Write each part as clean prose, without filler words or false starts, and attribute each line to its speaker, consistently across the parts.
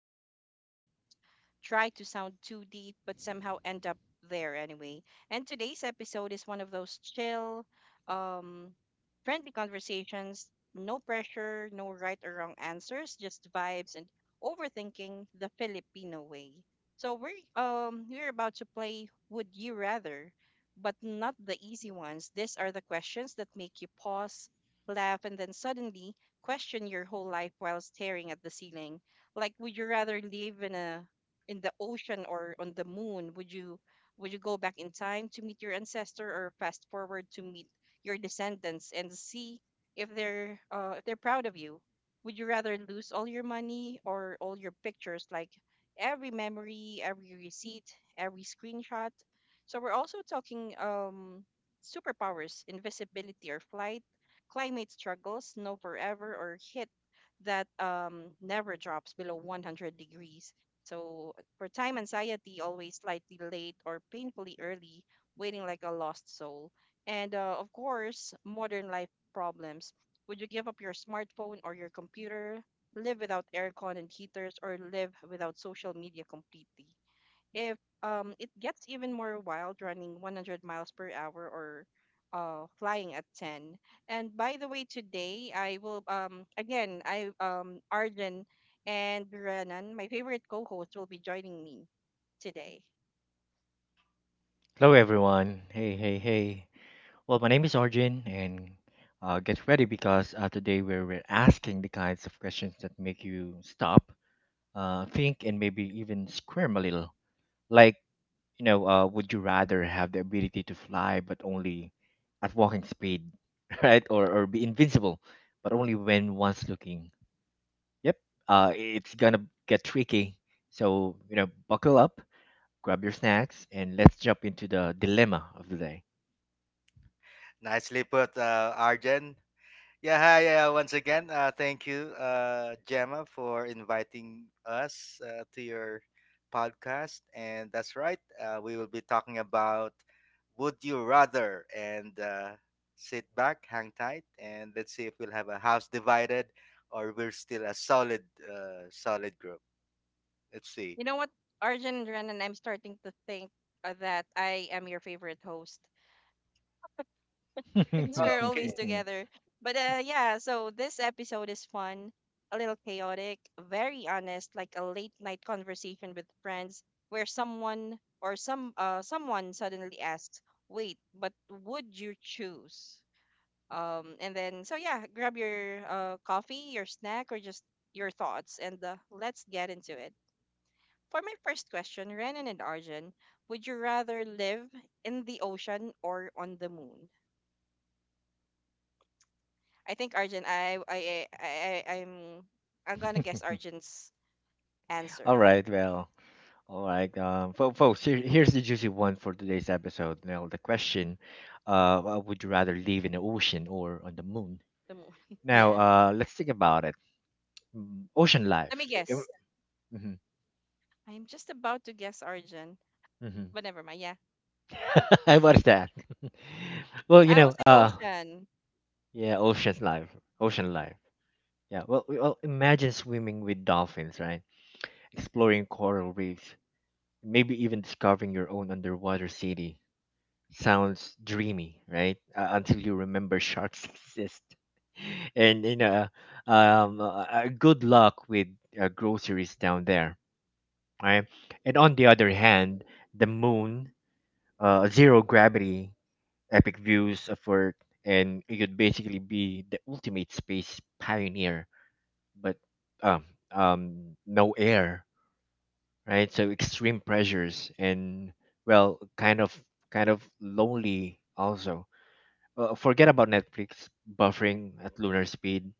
Speaker 1: space where we don't try to sound too deep, but somehow end up there anyway. And today's episode is one of those chill, um, friendly conversations. No pressure, no right or wrong answers, just vibes and overthinking the Filipino way. So we're about to play Would You Rather, but not the easy ones. These are the questions that make you pause, laugh, and then suddenly question your whole life while staring at the ceiling. Like, would you rather live in the ocean or on the moon? Would you go back in time to meet your ancestor or fast forward to meet your descendants and see if they're proud of you? Would you rather lose all your money or all your pictures, like every memory, every receipt, every screenshot? So we're also talking superpowers, invisibility or flight, climate struggles, snow forever, or heat that never drops below 100 degrees. So for time anxiety, always slightly late or painfully early, waiting like a lost soul. And of course, modern life problems. Would you give up your smartphone or your computer, live without aircon and heaters, or live without social media completely? If It gets even more wild running 100 miles per hour or flying at 10. And by the way, today I will again I Arjun and Renan, my favorite co-host, will be joining me today.
Speaker 2: Hello, everyone. Hey, hey, hey. Well, my name is Arjun, and get ready because today we're asking the kinds of questions that make you stop, think, and maybe even squirm a little. Like, would you rather have the ability to fly but only at walking speed, right? Or be invincible but only when one's looking? Yep, it's gonna get tricky. So, buckle up, grab your snacks, and let's jump into the dilemma of the day.
Speaker 3: Nicely put, Arjen. Yeah, hi. Once again, thank you, Gemma, for inviting us to your podcast. And that's right, we will be talking about Would You Rather. And Sit back, hang tight, and let's see if we'll have a house divided or we're still a solid group. Let's see.
Speaker 1: You know what, Arjun and Renan, I'm starting to think that I am your favorite host, because we're always
Speaker 3: Okay,
Speaker 1: together. But yeah, so this episode is fun, a little chaotic, very honest, like a late night conversation with friends where someone or some someone suddenly asks, "Wait, but would you choose?" And Then so yeah, grab your coffee, your snack, or just your thoughts and let's get into it. For my first question, Renan and Arjun, would you rather live in the ocean or on the moon? I think Arjun, I'm gonna guess Arjun's answer.
Speaker 2: all right, well, all right, folks. Here's the juicy one for today's episode. Now, the question: would you rather live in the ocean or on the moon?
Speaker 1: The mo-
Speaker 2: Now,
Speaker 1: yeah.
Speaker 2: let's think about it. Ocean
Speaker 1: Let
Speaker 2: life.
Speaker 1: me guess.
Speaker 2: Mm-hmm.
Speaker 1: I'm just about to guess Arjun, but never mind. Yeah,
Speaker 2: What is that? Well,
Speaker 1: I will say ocean.
Speaker 2: yeah, ocean life. Ocean
Speaker 1: Yeah,
Speaker 2: life. Yeah. Well, imagine swimming with dolphins, right? Exploring coral reefs, maybe even discovering your own underwater city. Sounds dreamy, right? Until you remember sharks exist. And good luck with groceries down there, right? And on the other hand, the moon, zero gravity, epic views of Earth, and you could basically be the ultimate space pioneer, but um, no air, right? So extreme pressures and, well, kind of lonely also. Forget about Netflix buffering at lunar speed.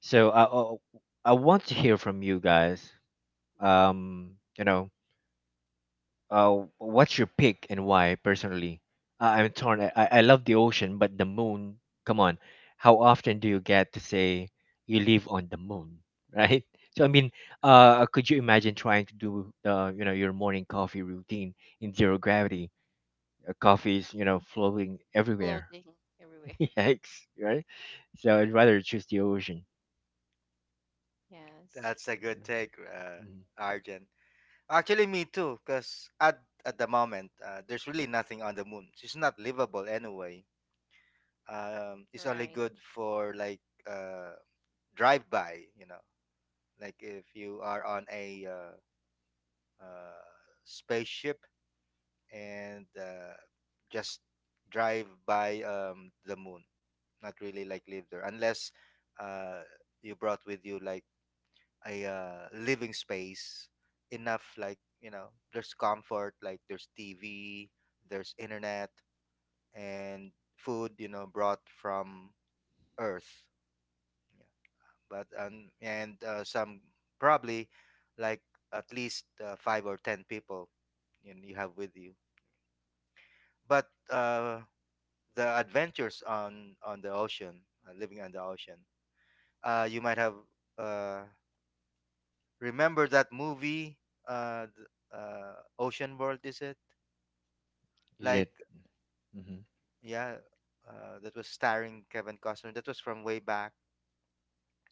Speaker 2: So I want to hear from you guys. Um, you know, what's your pick and why? Personally, I'm torn. I love the ocean, but the moon. Come on, how often do you get to say you live on the moon, right? So I mean, could you imagine trying to do your morning coffee routine in zero gravity? Coffee is flowing everywhere,
Speaker 1: floating everywhere.
Speaker 2: yikes, right? So I'd rather choose the ocean.
Speaker 1: Yes.
Speaker 3: that's a good
Speaker 2: Yeah.
Speaker 3: take,
Speaker 2: Mhm.
Speaker 3: Arjen. Actually, me too, because at the moment, there's really nothing on the moon. It's not livable anyway. It's only
Speaker 1: Right.
Speaker 3: good for like uh, drive by, you know, like if you are on a uh, spaceship, and just drive by the moon, not really like live there, unless uh, you brought with you like a living space enough, like, you know, there's comfort, like there's TV, there's internet, and food, you know, brought from earth. Yeah. But and some, probably, like at least five or ten people you have with you. But the adventures on the ocean, living on the ocean, you might have, uh, remember that movie, uh, th- uh Ocean World, is it?
Speaker 2: Is
Speaker 3: Like,
Speaker 2: it? Hmm.
Speaker 3: yeah, that was starring Kevin Costner. That was from way back,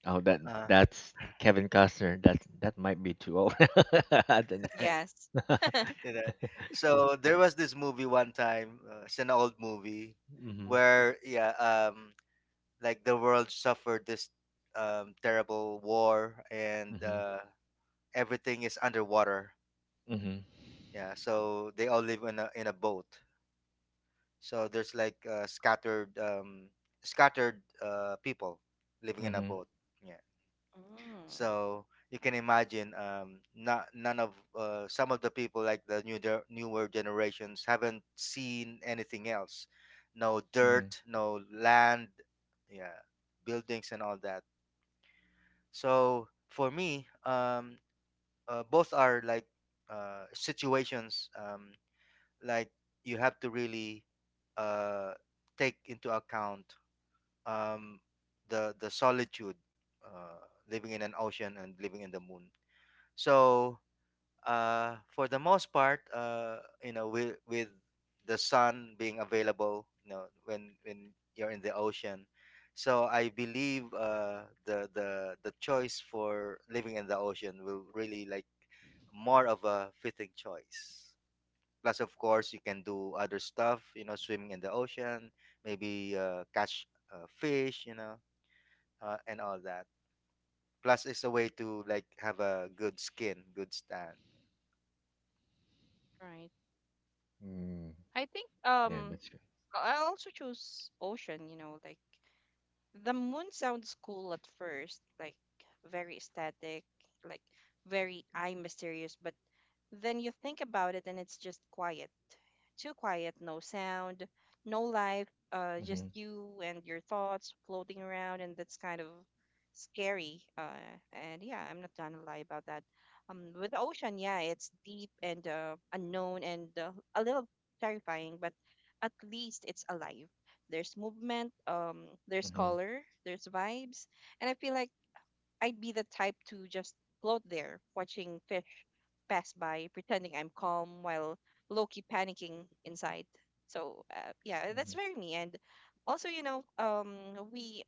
Speaker 2: Oh, that
Speaker 3: uh,
Speaker 2: that's Kevin Costner. That might be too old. I don't
Speaker 1: Yes.
Speaker 2: know.
Speaker 3: you know
Speaker 2: Yeah.
Speaker 3: so there was this movie one time, it's an old movie
Speaker 2: Hmm.
Speaker 3: where, yeah, like the world suffered this terrible war, and
Speaker 2: Hmm.
Speaker 3: everything is underwater.
Speaker 2: Hmm.
Speaker 3: Yeah, so they all live in a boat. So there's like scattered people living in a
Speaker 2: Hmm.
Speaker 3: boat. Yeah.
Speaker 1: Mm,
Speaker 3: So you can imagine, not none of some of the people, like the new newer generations, haven't seen anything else. No
Speaker 2: Hmm.
Speaker 3: dirt, no land, yeah, buildings and all that. So for me, both are like situations, like, you have to really uh, take into account, um, the solitude, uh, living in an ocean and living in the moon. So, for the most part, with the sun being available, when you're in the ocean. So I believe the choice for living in the ocean will really, like, more of a fitting choice. Plus, of course, you can do other stuff, swimming in the ocean, maybe catch fish, and all that. Plus, it's a way to like have a good skin, good stand.
Speaker 1: right.
Speaker 2: Mm.
Speaker 1: I think
Speaker 2: Yeah,
Speaker 1: um
Speaker 2: that's good.
Speaker 1: I also choose ocean. You know, like the moon sounds cool at first, like very static, like very eye mysterious, but then you think about it and it's just quiet. Too quiet, no sound, no life, just
Speaker 2: Hmm.
Speaker 1: you and your thoughts floating around, and that's kind of scary. And yeah, I'm not gonna lie about that. With the ocean, yeah, it's deep and unknown and a little terrifying, but at least it's alive. There's movement, there's
Speaker 2: Hmm.
Speaker 1: color, there's vibes, and I feel like I'd be the type to just float there, watching fish pass by, pretending I'm calm while low-key panicking inside. So yeah, that's
Speaker 2: Hmm.
Speaker 1: very me. And also, you know, we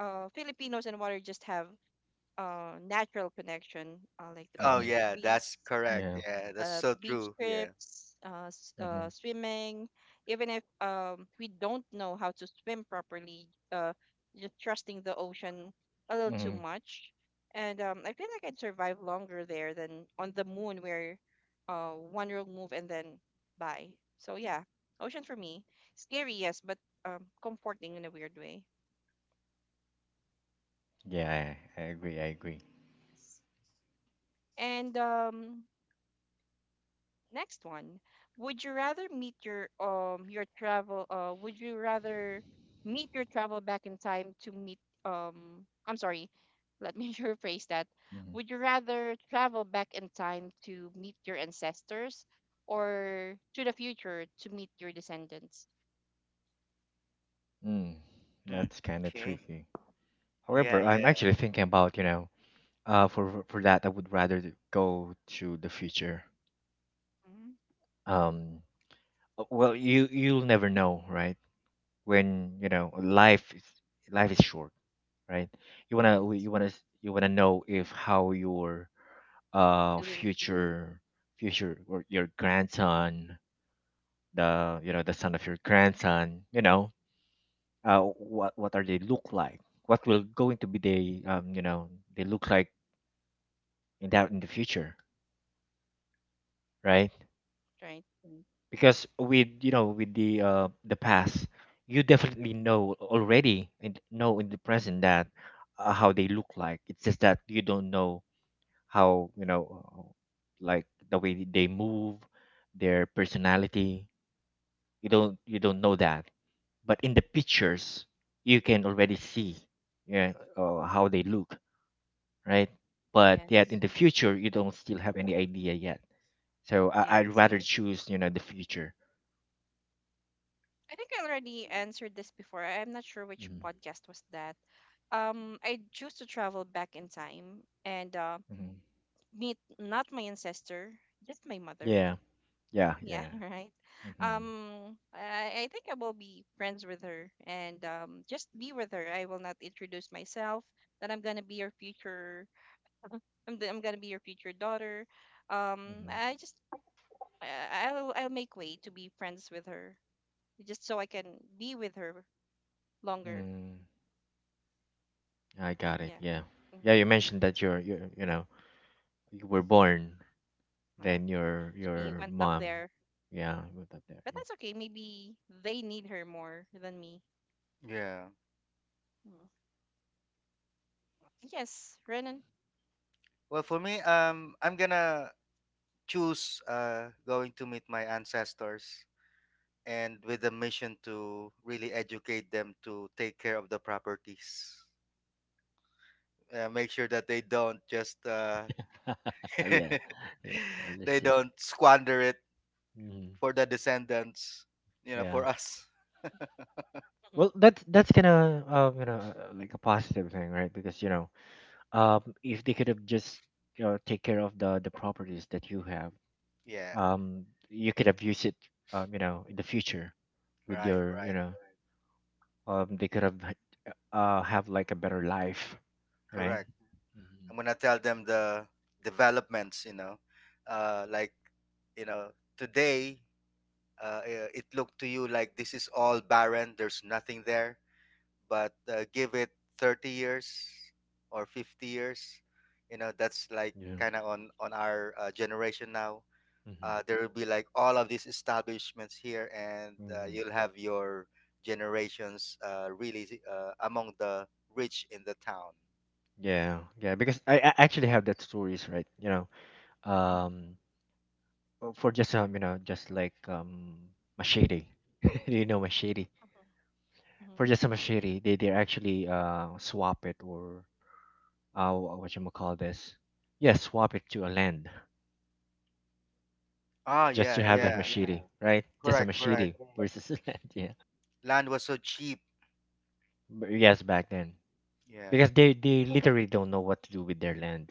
Speaker 1: Filipinos and water just have natural connection, like the
Speaker 3: Oh
Speaker 2: Hmm.
Speaker 1: beach
Speaker 3: yeah, that's
Speaker 1: trips,
Speaker 3: correct.
Speaker 2: Yeah.
Speaker 3: Yeah, that's so true. Yeah.
Speaker 2: Hmm.
Speaker 1: swimming. Even if we don't know how to swim properly, just trusting the ocean a little too
Speaker 2: Hmm.
Speaker 1: much. And I think I can survive longer there than on the moon, where one wrong move and then bye. So yeah, ocean for me, scary yes, but comforting in a weird way.
Speaker 2: Yeah, I agree. I agree.
Speaker 1: Yes. And Next one. Would you rather meet your travel would you rather meet your travel back in time to meet I'm sorry, let me rephrase that.
Speaker 2: Hmm.
Speaker 1: Would you rather travel back in time to meet your ancestors or to the future to meet your descendants?
Speaker 2: Mm.
Speaker 3: Hmm.
Speaker 2: That's kind of
Speaker 3: Okay.
Speaker 2: tricky.
Speaker 3: Yeah,
Speaker 2: However, I'm
Speaker 3: yeah,
Speaker 2: actually thinking about, for that, I would rather to go to the future.
Speaker 1: Hmm.
Speaker 2: Um, well, you'll never know, right? When life is short, right? You wanna
Speaker 1: Yes.
Speaker 2: you wanna you wanna know if how your uh
Speaker 1: Doing.
Speaker 2: future future or your grandson, the son of your grandson, what are they look like? What will going to be they they look like in the future, right?
Speaker 1: Right.
Speaker 2: Because with the past you definitely know already and know in the present that, how they look like. It's just that you don't know how, uh, like the way they move, their personality, you don't know that, but in the pictures you can already see, yeah, how they look, right. But yet
Speaker 1: Yes.
Speaker 2: in the future you don't still have any idea yet, so I'd
Speaker 1: Yes.
Speaker 2: rather choose the future.
Speaker 1: I think I already answered this before. I'm not sure which
Speaker 2: Mhm.
Speaker 1: podcast was that. I choose to travel back in time and
Speaker 2: Mhm.
Speaker 1: meet not my ancestor, just my mother.
Speaker 2: Yeah, yeah,
Speaker 1: Yeah,
Speaker 2: yeah.
Speaker 1: right.
Speaker 2: Mhm,
Speaker 1: I think I will be friends with her and just be with her. I will not introduce myself that I'm gonna be your future. I'm gonna be your future daughter.
Speaker 2: mhm.
Speaker 1: I just I'll make way to be friends with her just so I can be with her longer.
Speaker 2: Mm, I got it.
Speaker 1: Yeah.
Speaker 2: Yeah, yeah.
Speaker 1: Hmm.
Speaker 2: You mentioned that you were born,
Speaker 1: Uh,
Speaker 2: then your
Speaker 1: she
Speaker 2: your
Speaker 1: went up
Speaker 2: mom,
Speaker 1: there.
Speaker 2: yeah, moved up there.
Speaker 1: But
Speaker 2: Yeah,
Speaker 1: that's okay. Maybe they need her more than me.
Speaker 3: yeah.
Speaker 1: Mm. Yes, Renan.
Speaker 3: Well, for me, I'm gonna choose going to meet my ancestors, and with a mission to really educate them to take care of the properties. Make sure that they don't just
Speaker 2: yeah, yeah. I
Speaker 3: they
Speaker 2: understand.
Speaker 3: don't squander it
Speaker 2: Mm,
Speaker 3: for the descendants, you know,
Speaker 2: yeah.
Speaker 3: for us.
Speaker 1: Mhm,
Speaker 2: Well, that's kind of, like a positive thing, right? Because, if they could have just, take care of the properties that you have,
Speaker 3: Yeah,
Speaker 2: you could have used it, in the future with
Speaker 3: right,
Speaker 2: your,
Speaker 3: right.
Speaker 2: they could have like a better life, right?
Speaker 3: Correct.
Speaker 2: hmm
Speaker 3: I'm gonna tell them the developments, you know. Like, you know, today, it looked to you like this is all barren, there's nothing there, but give it 30 years or 50 years, you know, that's like
Speaker 2: Yeah.
Speaker 3: kind of on our generation now.
Speaker 2: hmm
Speaker 3: There will be like all of these establishments here, and
Speaker 2: hmm
Speaker 3: you'll have your generations really among the rich in the town.
Speaker 2: Yeah. Yeah. Because I actually have that stories, right?
Speaker 1: mhm,
Speaker 2: Um, for just you know, just like machete. Do you know machete?
Speaker 1: mhm,
Speaker 2: For
Speaker 1: mhm.
Speaker 2: just a machete, they actually swap it, or what you call this? Yeah, swap it to a land
Speaker 3: Ah,
Speaker 1: Hmm?
Speaker 2: just to
Speaker 3: yeah,
Speaker 2: have that, yeah,
Speaker 3: yeah.
Speaker 2: machete, right? Just a
Speaker 3: Correct, correct.
Speaker 2: machete versus a land. Yeah.
Speaker 3: Land was so cheap.
Speaker 2: But yes, back then.
Speaker 3: Yeah,
Speaker 2: Because they literally don't know what to do with their land.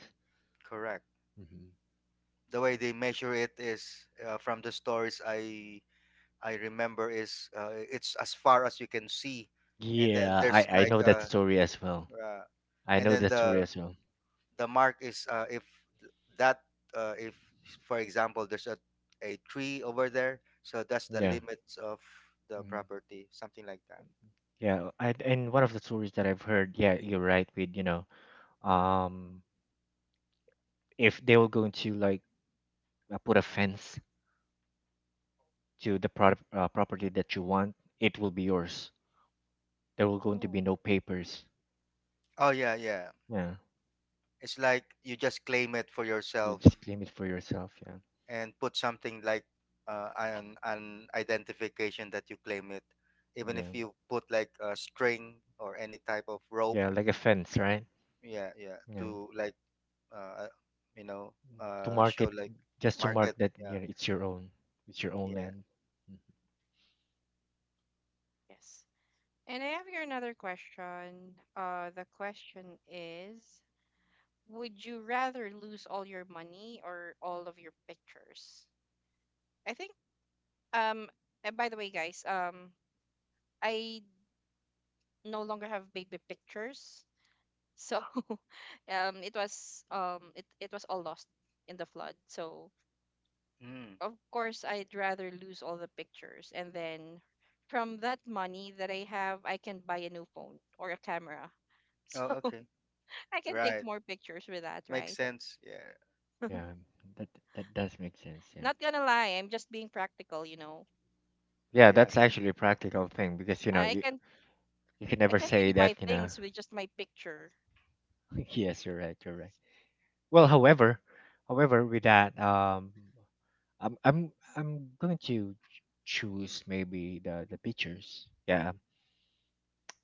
Speaker 3: correct.
Speaker 2: Hmm.
Speaker 3: The way they measure it is, from the stories I remember, is it's as far as you can see, and then
Speaker 2: Yeah,
Speaker 3: there's
Speaker 2: I
Speaker 3: like
Speaker 2: know that story as well.
Speaker 3: uh
Speaker 2: I
Speaker 3: and
Speaker 2: know
Speaker 3: then
Speaker 2: that story
Speaker 3: the
Speaker 2: as well.
Speaker 3: the mark is, if that, if, for example, there's a tree over there, so that's the
Speaker 2: Yeah.
Speaker 3: limits of the
Speaker 2: Mhm.
Speaker 3: property, something like that.
Speaker 2: Yeah, and one
Speaker 1: Okay.
Speaker 2: of the stories that I've heard, yeah, you're right, with, um if they were going to, like, put a fence to the product property that you want, it will be yours. There will going to be
Speaker 1: Oh,
Speaker 2: no papers.
Speaker 3: Oh yeah, yeah.
Speaker 2: Yeah.
Speaker 3: It's like you just claim it for
Speaker 2: You just
Speaker 3: yourself.
Speaker 2: claim it for yourself, yeah.
Speaker 3: And put something like an identification that you claim it, even
Speaker 2: Yeah.
Speaker 3: if you put like a string or any type of rope.
Speaker 2: Yeah, like a fence, right?
Speaker 3: Yeah, yeah,
Speaker 2: Yeah.
Speaker 3: to like uh, you know
Speaker 2: To mark
Speaker 3: show,
Speaker 2: it,
Speaker 3: like,
Speaker 2: just to
Speaker 3: market.
Speaker 2: mark that,
Speaker 3: Yeah,
Speaker 2: it's your own
Speaker 3: yeah.
Speaker 2: land.
Speaker 1: yes. And I have here another question. The question is, would you rather lose all your money or all of your pictures? I think. Um. And by the way, guys. I no longer have baby pictures, so it was it it was all lost in the flood. So
Speaker 3: Mm.
Speaker 1: of course I'd rather lose all the pictures and then from that money that I have I can buy a new phone or a camera.
Speaker 3: Oh,
Speaker 1: So
Speaker 3: okay.
Speaker 1: I can take
Speaker 3: Right.
Speaker 1: more pictures with that,
Speaker 3: Makes
Speaker 1: right?
Speaker 3: sense. Yeah.
Speaker 2: Mhm. Yeah, that that does make sense, yeah.
Speaker 1: Not gonna lie, I'm just being practical, you know.
Speaker 2: Yeah,
Speaker 3: Yeah.
Speaker 2: that's actually a practical thing, because
Speaker 1: I
Speaker 2: you,
Speaker 1: can
Speaker 2: you can
Speaker 1: I
Speaker 2: never
Speaker 1: can't really
Speaker 2: say
Speaker 1: buy
Speaker 2: that.
Speaker 1: things with just my picture.
Speaker 2: Yes, you're right, you're right. Well, however, with that, I'm going to choose, maybe the pictures, yeah.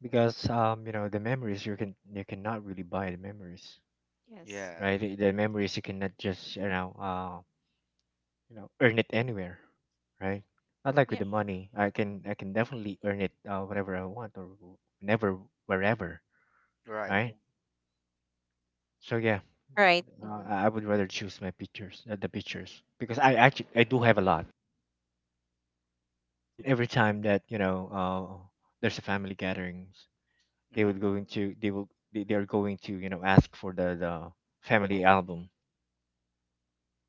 Speaker 2: Because the memories, you cannot really buy the memories,
Speaker 1: Yes.
Speaker 3: Yeah.
Speaker 2: right. The memories you cannot just, earn it anywhere, right. Not like with
Speaker 1: Yep.
Speaker 2: the money, I can definitely earn it, whatever I want, or whenever, wherever,
Speaker 3: Right.
Speaker 2: right. So yeah,
Speaker 1: Right. Mm-hmm.
Speaker 2: I would rather choose my pictures, the pictures, because I do have a lot. And every time that, there's a family gatherings, they
Speaker 3: Mm-hmm.
Speaker 2: would go into they will they, they're going to, ask for the family album.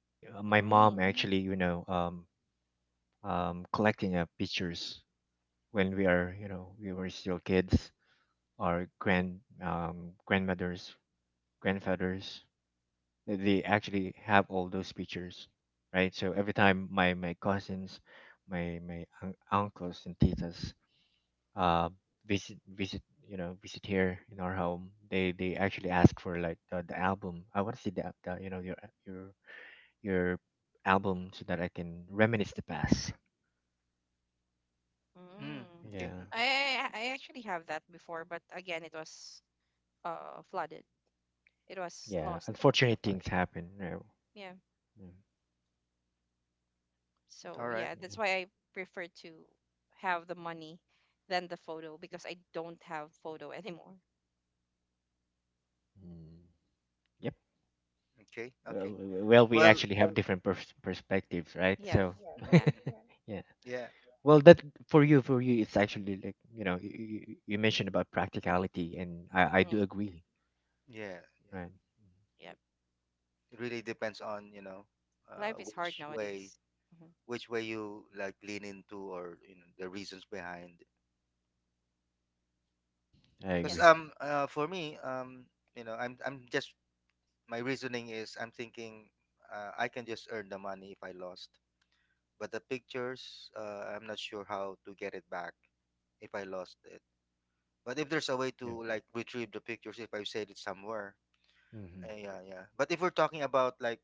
Speaker 2: My mom
Speaker 1: Mm,
Speaker 2: actually, collecting, pictures, when we are you know we were still kids. Our grandmothers, grandfathers, they actually have all those pictures, right. So every time my cousins, my uncles and titas, uh visit visit you know visit here in our home, they actually ask for, like, the album. I want to see the you know your your album, so that I can reminisce the past,
Speaker 3: Mm,
Speaker 1: mm.
Speaker 3: okay.
Speaker 2: yeah.
Speaker 3: Okay.
Speaker 1: I actually have that before, but again, it was flooded. It was
Speaker 2: Yeah,
Speaker 1: lost in the
Speaker 2: unfortunate
Speaker 1: flood.
Speaker 2: things happen.
Speaker 1: Yeah.
Speaker 2: Mm,
Speaker 1: So
Speaker 3: All right.
Speaker 1: yeah,
Speaker 2: yeah.
Speaker 1: that's why I prefer to have the money than the photo because I don't have photo anymore.
Speaker 2: Mm. Yep.
Speaker 3: Okay.
Speaker 2: Well,
Speaker 3: Okay.
Speaker 2: well, we
Speaker 3: Well.
Speaker 2: actually have different perspectives, right?
Speaker 1: Yes.
Speaker 2: So,
Speaker 1: Yeah.
Speaker 3: Mm-hmm.
Speaker 2: yeah.
Speaker 3: Yeah.
Speaker 2: Well, that, for you, it's actually, like, you mentioned about practicality, and I do
Speaker 1: Mm,
Speaker 2: agree,
Speaker 3: Yeah. Yeah.
Speaker 2: right?
Speaker 1: yeah.
Speaker 3: It really depends on, you know, uh,
Speaker 1: Life is hard
Speaker 3: which way
Speaker 1: nowadays. Hmm.
Speaker 3: which way you like lean into, or, you know, the reasons behind.
Speaker 2: Mm-hmm. I
Speaker 3: Because,
Speaker 1: Guess.
Speaker 2: agree.
Speaker 3: for me, you know, I'm just, my reasoning is, I'm thinking, I can just earn the money if I lost, but the pictures, I'm not sure how to get it back if I lost it. But if there's a way
Speaker 2: Yeah.
Speaker 3: to like retrieve the pictures if I saved it somewhere,
Speaker 2: Hmm.
Speaker 3: yeah. Yeah, but if we're talking about like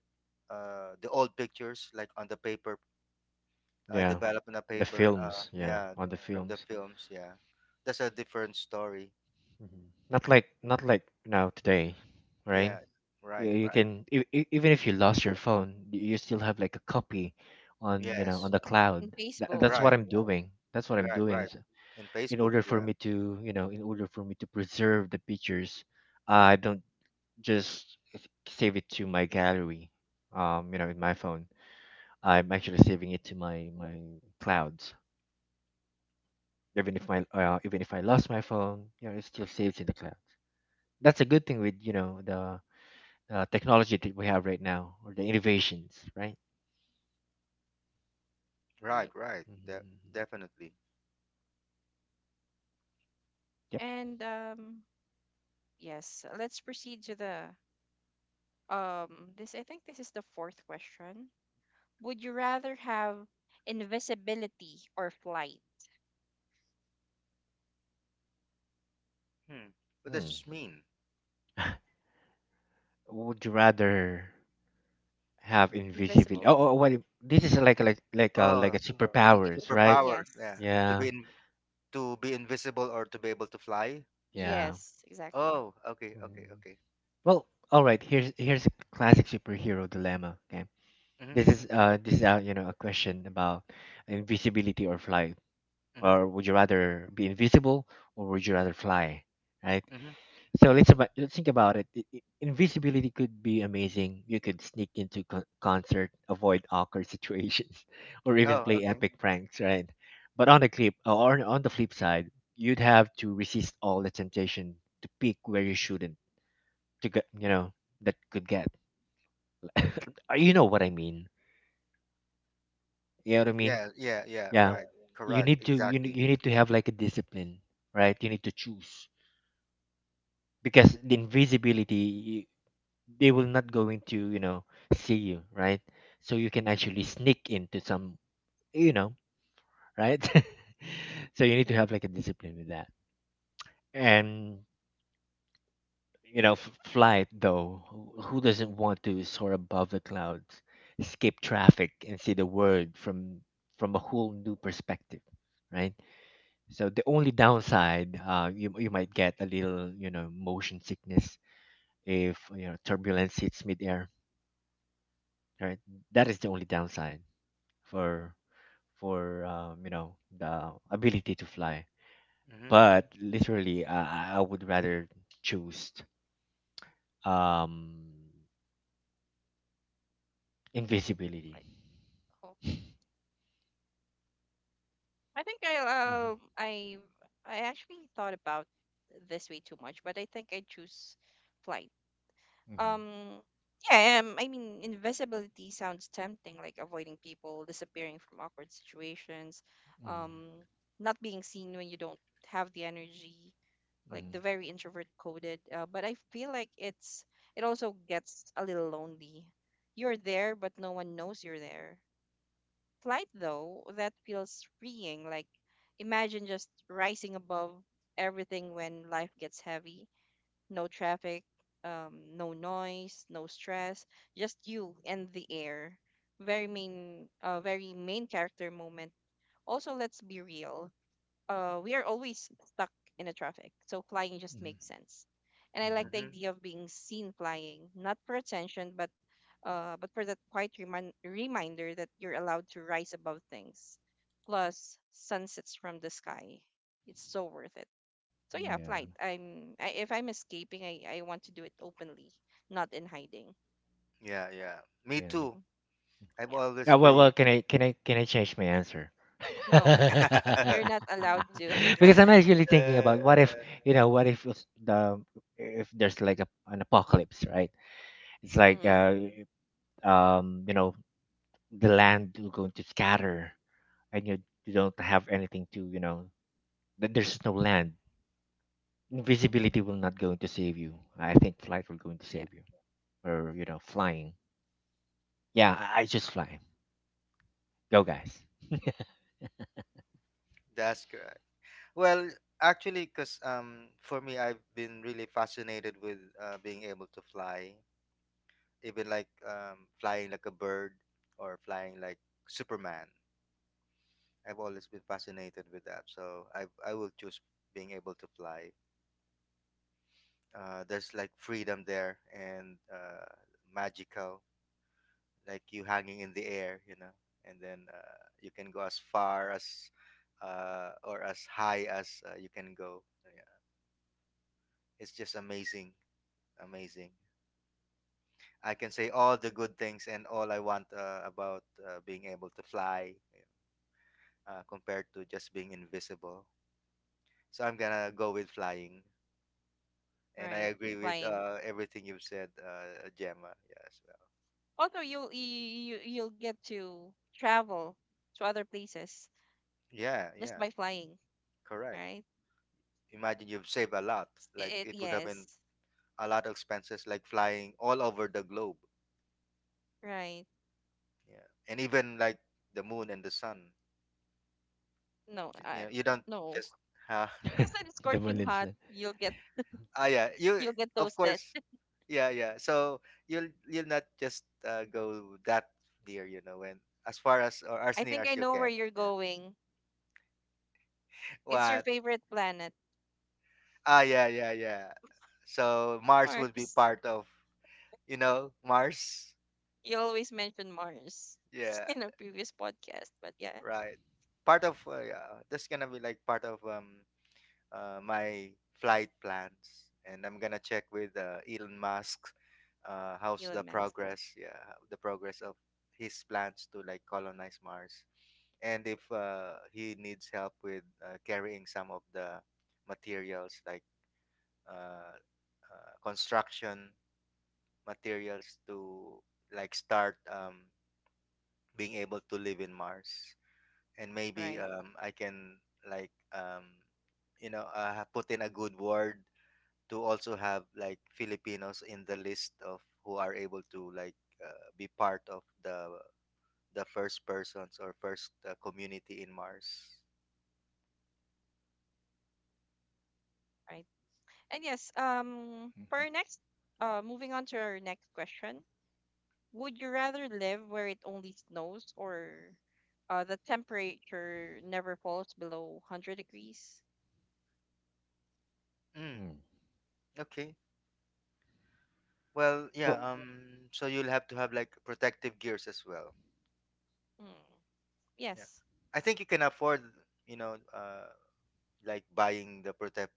Speaker 3: the old pictures, like on the paper,
Speaker 2: Yeah.
Speaker 3: develop on a
Speaker 2: The
Speaker 3: paper.
Speaker 2: films, yeah,
Speaker 3: Yeah,
Speaker 2: on the
Speaker 3: from the
Speaker 2: films.
Speaker 3: films. Yeah, that's a different story.
Speaker 2: Hmm. Not like now today, right?
Speaker 3: Yeah,
Speaker 2: you
Speaker 3: right,
Speaker 2: you
Speaker 3: right.
Speaker 2: can even if you lost your phone, you still have like a copy on, on
Speaker 3: Yes,
Speaker 2: the cloud.
Speaker 1: In Facebook,
Speaker 2: That's what
Speaker 3: right,
Speaker 2: I'm doing, that's what I'm
Speaker 3: right,
Speaker 2: doing.
Speaker 3: right.
Speaker 2: So
Speaker 3: In Facebook. Yeah,
Speaker 2: in order for me to preserve the pictures. I don't just save it to my gallery, in my phone. I'm actually saving it to my clouds. Even if I lost my phone, it still saves in the cloud. That's a good thing with, the, technology that we have right now, or the innovations, right.
Speaker 3: right,
Speaker 1: right?
Speaker 3: right.
Speaker 2: Mhm.
Speaker 3: Definitely.
Speaker 2: Yep.
Speaker 1: And Yes, let's proceed to the. This I think this is the fourth question. Would you rather have invisibility or flight?
Speaker 3: Hmm. What does
Speaker 2: Hmm.
Speaker 3: this mean?
Speaker 2: Would you rather have invisibility?
Speaker 1: Invisible.
Speaker 2: Oh, oh, well, this is like like a
Speaker 3: Oh,
Speaker 1: If you could,
Speaker 2: superpowers, right?
Speaker 3: superpower.
Speaker 1: yes,
Speaker 3: Yeah, to
Speaker 2: Yeah,
Speaker 3: to be invisible or to be able to fly.
Speaker 2: yeah.
Speaker 1: yes, exactly.
Speaker 3: Oh, okay, okay,
Speaker 2: Mhm.
Speaker 3: okay.
Speaker 2: Well, all right. Here's a classic superhero dilemma. Okay,
Speaker 3: Mm-hmm,
Speaker 2: this
Speaker 3: mm-hmm,
Speaker 2: is uh this is uh, you know a question about invisibility or flight.
Speaker 3: mm-hmm.
Speaker 2: Or would you rather be invisible, or would you rather fly? Right?
Speaker 3: Mm-hmm.
Speaker 2: So let's think about it. Invisibility could be amazing. You could sneak into concert, avoid awkward situations, or even
Speaker 3: Oh,
Speaker 2: play
Speaker 3: okay.
Speaker 2: epic pranks, right? But on the clip or on the flip side, you'd have to resist all the temptation to peek where you shouldn't, to get, that could get. You know what I mean? You know what I mean?
Speaker 3: Yeah, yeah, yeah.
Speaker 2: Yeah.
Speaker 3: Right. Correct. Exactly.
Speaker 2: You need to have like a discipline, right? You need to choose, because the invisibility, they will not going to, see you, right. So you can actually sneak into some, you know right. So you need to have like a discipline with that. And, flight though, who doesn't want to soar above the clouds, skip traffic, and see the world from, a whole new perspective, right? So the only downside, you might get a little, motion sickness if, turbulence hits midair, right. That is the only downside for for the ability to fly.
Speaker 3: Mm-hmm, mm-hmm,
Speaker 2: But literally, I would rather choose, um, invisibility.
Speaker 1: Like, oh, I think I
Speaker 2: Mhm,
Speaker 1: um I I actually thought about this way too much, but I think I choose flight.
Speaker 2: mhm,
Speaker 1: Um yeah, I mean invisibility sounds tempting, like avoiding people, disappearing from awkward situations,
Speaker 2: mhm,
Speaker 1: um not being seen when you don't have the energy, like
Speaker 2: mhm,
Speaker 1: the very introvert coded. But I feel like it's it also gets a little lonely. You're there, but no one knows you're there. Flight though, that feels freeing, like imagine just rising above everything when life gets heavy, no traffic, no noise, no stress, just you and the air, very main character moment. Also, let's be real, we are always stuck in the traffic, so flying just
Speaker 2: mhm,
Speaker 1: makes sense. And I like
Speaker 2: mhm.
Speaker 1: the
Speaker 3: mm-hmm.
Speaker 1: idea of being seen flying, not for attention, but for that quiet reminder that you're allowed to rise above things, plus sunsets from the sky. It's so worth it. So yeah,
Speaker 2: Yeah,
Speaker 1: flight. If I'm escaping, I want to do it openly, not in hiding.
Speaker 3: Yeah, yeah. Me
Speaker 2: yeah.
Speaker 3: too.
Speaker 1: Hmm.
Speaker 3: I've
Speaker 1: Yeah,
Speaker 3: always
Speaker 2: Yeah.
Speaker 1: flight.
Speaker 2: Well,
Speaker 3: been.
Speaker 2: well. Can I change my answer?
Speaker 1: No, you're not allowed to.
Speaker 2: Because I'm actually thinking about what if,
Speaker 3: Uh,
Speaker 2: you know, what if it's the- if there's like a, an apocalypse, right? It's like
Speaker 1: Hmm.
Speaker 2: um, you know the land will going to scatter, and you don't have anything to. There's no land.
Speaker 1: Hmm.
Speaker 2: Invisibility will not going to save you. I think flight will going to
Speaker 1: Yeah.
Speaker 2: save you. Or, you know, flying. Yeah, I just fly. Go, guys.
Speaker 1: Hmm.
Speaker 3: that's correct. Well, actually, because, for me, I've been really fascinated with being able to fly, even like flying like a bird or flying like Superman. I've always been fascinated with that, so I will choose being able to fly. There's like freedom there, and magical. Like, you hanging in the air, you know, and then you can go as far as, or as high as you can go. Yeah. It's just amazing, amazing. I can say all the good things and all I want about being able to fly, compared to just being invisible. So I'm gonna go with flying, and I
Speaker 1: Right.
Speaker 3: agree with
Speaker 1: Flying.
Speaker 3: everything you've said, Gemma. Yeah, as well.
Speaker 1: Also, you you'll get to travel to other places
Speaker 3: Yeah,
Speaker 1: just
Speaker 3: yeah,
Speaker 1: by flying,
Speaker 3: correct.
Speaker 1: right?
Speaker 3: Imagine you've saved a lot. Like
Speaker 1: It,
Speaker 3: it would have been
Speaker 1: yes.
Speaker 3: a lot of expenses, like flying all over the globe,
Speaker 1: Right.
Speaker 3: yeah, and even like the moon and the sun,
Speaker 1: No,
Speaker 3: you
Speaker 1: I
Speaker 3: know. You don't
Speaker 1: no.
Speaker 3: just uh,
Speaker 1: Because it's
Speaker 2: The one.
Speaker 1: scorching hot,
Speaker 2: Mhm.
Speaker 3: ah yeah, you,
Speaker 1: you'll get
Speaker 3: of
Speaker 1: toasted.
Speaker 3: course. Yeah, yeah. So you'll not just go that dear, you know, when, as far as or as
Speaker 1: I
Speaker 3: near
Speaker 1: think I
Speaker 3: as you
Speaker 1: know where
Speaker 3: can.
Speaker 1: you're
Speaker 3: Yeah,
Speaker 1: going. It's your
Speaker 3: what?
Speaker 1: favorite planet,
Speaker 3: Ah, yeah, yeah, yeah. So Mars would be
Speaker 1: Mars.
Speaker 3: part of, you know, Mars.
Speaker 1: You always mention Mars
Speaker 3: Yeah,
Speaker 1: in a previous podcast, but yeah,
Speaker 3: right, part of, yeah, that's gonna be like part of, my flight plans, and I'm gonna check with Elon Musk, how's the
Speaker 1: Elon Musk.
Speaker 3: progress? Yeah, the progress of his plans to like colonize Mars, and if he needs help with carrying some of the materials, like uh, construction materials, to like start, being able to live in Mars, and maybe,
Speaker 1: Right,
Speaker 3: I can, like, put in a good word to also have like Filipinos in the list of who are able to like be part of the first persons or first community in Mars.
Speaker 1: right. And yes, for our next, moving on to our next question, would you rather live where it only snows, or the temperature never falls below 100 degrees?
Speaker 3: Mm,
Speaker 2: Mm.
Speaker 3: okay. Well, yeah.
Speaker 2: Well.
Speaker 3: So you'll have to have like protective gears as well.
Speaker 1: Mm,
Speaker 3: Yeah.
Speaker 1: yes,
Speaker 3: I think you can afford, you know, like buying the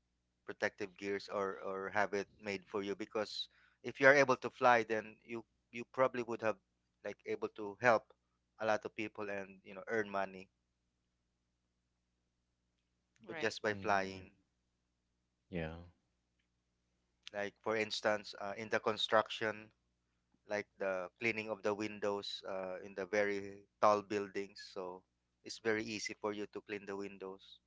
Speaker 3: protective gears, or have it made for you, because if you are able to fly then you probably would have like able to help a lot of people and, you know, earn money, but
Speaker 1: right,
Speaker 3: just by
Speaker 2: Mm, yeah.
Speaker 3: flying.
Speaker 2: Yeah.
Speaker 3: Like, for instance, in the construction, like the cleaning of the windows in the very tall buildings, so it's very easy for you to clean the windows,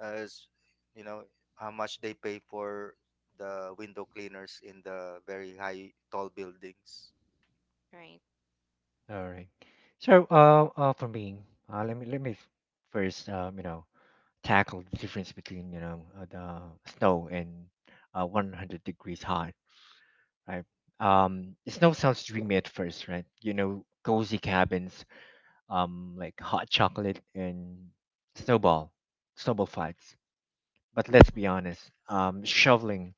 Speaker 3: as, you know, how much they pay for the window cleaners in the very high tall buildings.
Speaker 1: right.
Speaker 2: All right. So, for me, let me first, tackle the difference between the snow and 100 degrees hot. Right? Snow sounds dreamy at first, right? You know, cozy cabins, like hot chocolate and snowball, snowball fights. But let's be
Speaker 1: Mm-hmm.
Speaker 2: honest, shoveling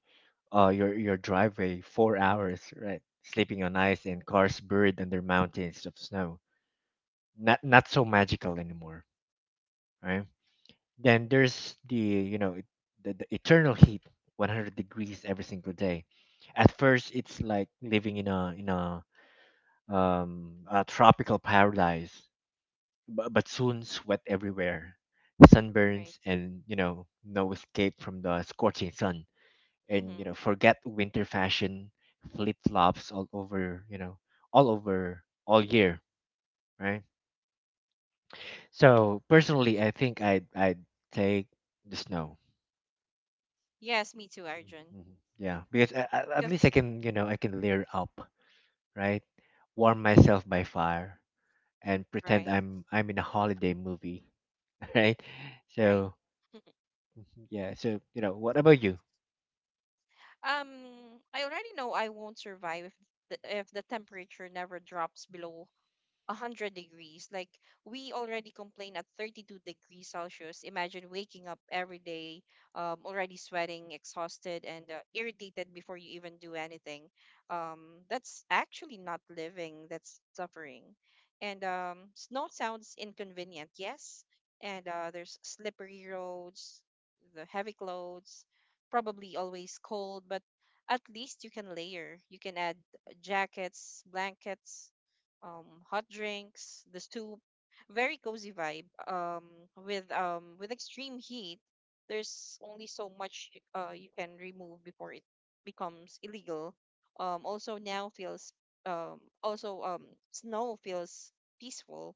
Speaker 2: your driveway 4 hours, right? Sleeping on ice, and cars buried under mountains of snow. Not so magical anymore, right? Then there's the you know it- the eternal heat, 100 degrees every single day. At first, it's like living in a tropical paradise, but soon sweat everywhere,
Speaker 1: Right.
Speaker 2: sunburns, and no escape from the scorching sun. And
Speaker 1: Mm-hmm.
Speaker 2: forget winter fashion, flip flops all over all year, right? So personally, I think I would take the snow.
Speaker 1: Yes, me too, Arjun.
Speaker 2: Mhm. Yeah, because at least
Speaker 1: Because
Speaker 2: I can layer up, right? Warm myself by fire and pretend
Speaker 1: right,
Speaker 2: I'm in a holiday movie. Right?
Speaker 1: right.
Speaker 2: So. Mhm. Yeah, so, you know, what about you?
Speaker 1: Um, I already know I won't survive if if the temperature never drops below 100 degrees. Like we already complain at 32 degrees Celsius. Imagine waking up every day already sweating, exhausted, and irritated before you even do anything. That's actually not living, that's suffering. And snow sounds inconvenient, yes. And there's slippery roads, the heavy clothes, probably always cold, but at least you can layer. You can add jackets, blankets, hot drinks, the soup, very cozy vibe. With extreme heat, there's only so much you can remove before it becomes illegal. Also now feels also Snow feels peaceful,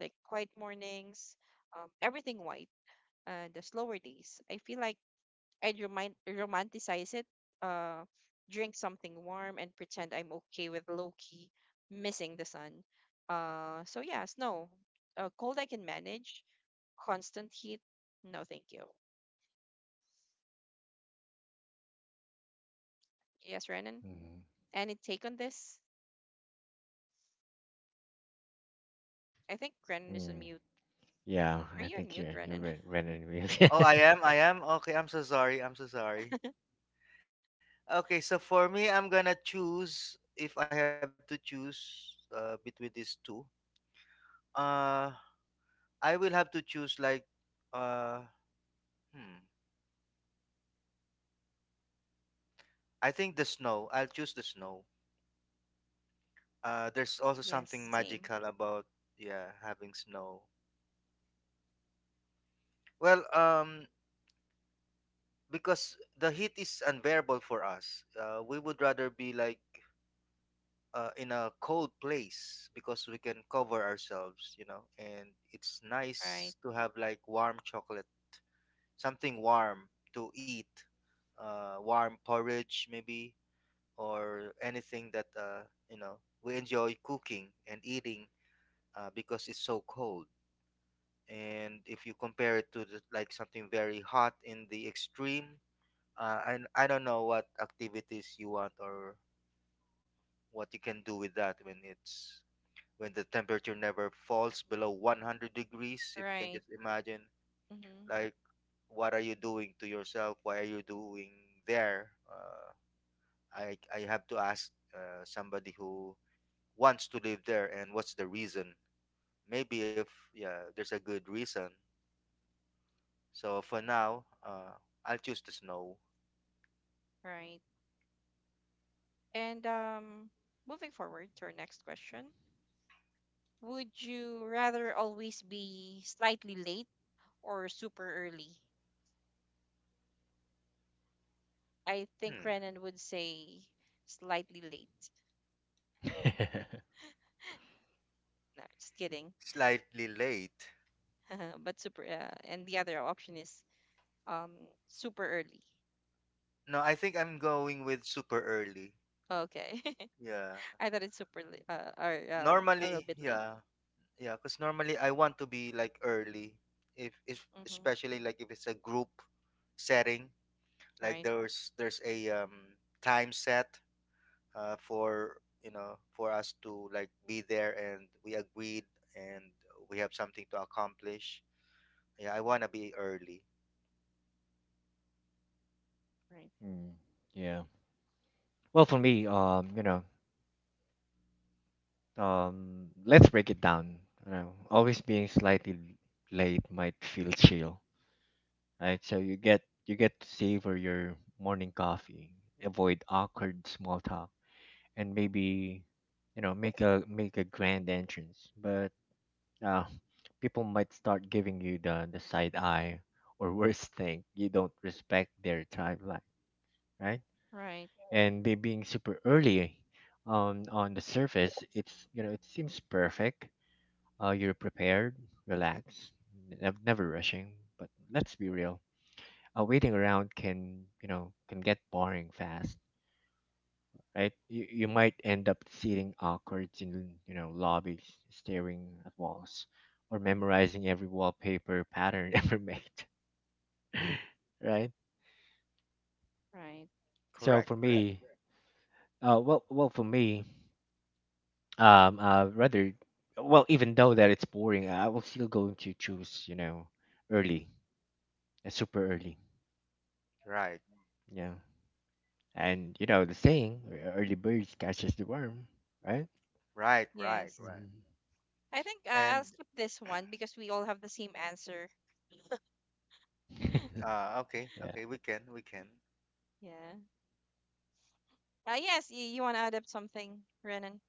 Speaker 1: like quiet mornings, everything white, the slower days. I feel like romanticize it, uh, drink something warm, and pretend I'm okay with low key missing the sun. So yeah, snow. Cold I can manage. Constant heat, no thank you. Yes, Renan.
Speaker 2: Mhm.
Speaker 1: Any take on this? I think Renan is on
Speaker 2: Mm.
Speaker 1: mute.
Speaker 2: Yeah,
Speaker 1: Are
Speaker 2: I
Speaker 1: you on
Speaker 2: think
Speaker 1: mute,
Speaker 2: you're
Speaker 1: Renan?
Speaker 2: right, right anyway.
Speaker 3: Oh, I am. I am. Okay, I'm so sorry. I'm so sorry. Okay, so for me, I'm gonna choose, if I have to choose between these two. Uh, I will have to choose, like, uh, hmm. I think the snow. I'll choose the snow. There's also
Speaker 1: Yes,
Speaker 3: something
Speaker 1: same.
Speaker 3: magical about, yeah, having snow. Well, because the heat is unbearable for us. We would rather be like in a cold place, because we can cover ourselves, you know. And it's
Speaker 1: Right,
Speaker 3: nice to have like warm chocolate, something warm to eat, warm porridge maybe, or anything that, you know, we enjoy cooking and eating, because it's so cold. And if you compare it to the, like something very hot in the extreme, I don't know what activities you want or what you can do with that when it's when the temperature never falls below 100 degrees. If you can
Speaker 1: right.
Speaker 3: just imagine,
Speaker 1: Mm-hmm,
Speaker 3: like, what are you doing to yourself? Why are you doing there? I have to ask somebody who wants to live there and what's the reason. Maybe if, yeah, there's a good reason. So for now, I'll choose the snow.
Speaker 1: right. And Moving forward to our next question. Would you rather always be slightly late or super early? I think
Speaker 3: Hmm.
Speaker 1: Renan would say slightly late. No, just kidding.
Speaker 3: Slightly late.
Speaker 1: But super, and the other option is um super early.
Speaker 3: No, I think I'm going with super early.
Speaker 1: Okay,
Speaker 3: Yeah.
Speaker 1: I thought it's super late, or um a little
Speaker 3: Normally,
Speaker 1: bit late.
Speaker 3: yeah. Yeah, because normally I want to be like early. If
Speaker 1: Mm-hmm.
Speaker 3: especially like if it's a group setting, like
Speaker 1: Right,
Speaker 3: there's a time set for for us to like be there, and we agreed and we have something to accomplish. Yeah, I wanna be early.
Speaker 1: right,
Speaker 2: Mm, yeah. Well, for me, let's break it down. You know, always being slightly late might feel chill, right? So you get to savor your morning coffee, avoid awkward small talk, and maybe, you know, make a grand entrance. But uh, people might start giving you the side eye, or worse thing you don't respect their timeline, right?
Speaker 1: right,
Speaker 2: And they being super early. On the surface, it seems perfect. You're prepared, relaxed, never rushing. But let's be real, waiting around can you know can get boring fast, right? You might end up sitting awkward in lobbies, staring at walls, or memorizing every wallpaper pattern ever made, right?
Speaker 1: right.
Speaker 2: So for.
Speaker 3: Correct,
Speaker 2: Right.
Speaker 3: correct.
Speaker 2: Me, for me, rather, well, even though that it's boring, I will still going to choose, you know, early, super early,
Speaker 3: Right,
Speaker 2: you know, and you know the saying, Early birds catches the worm," right?
Speaker 3: right, right,
Speaker 1: Yes,
Speaker 3: right.
Speaker 2: Mhm.
Speaker 1: I think
Speaker 3: And
Speaker 1: I'll skip this one because we all have the same answer.
Speaker 3: okay,
Speaker 2: Yeah.
Speaker 3: okay, we can.
Speaker 1: Yeah. Yes, you want to add up something, Renan?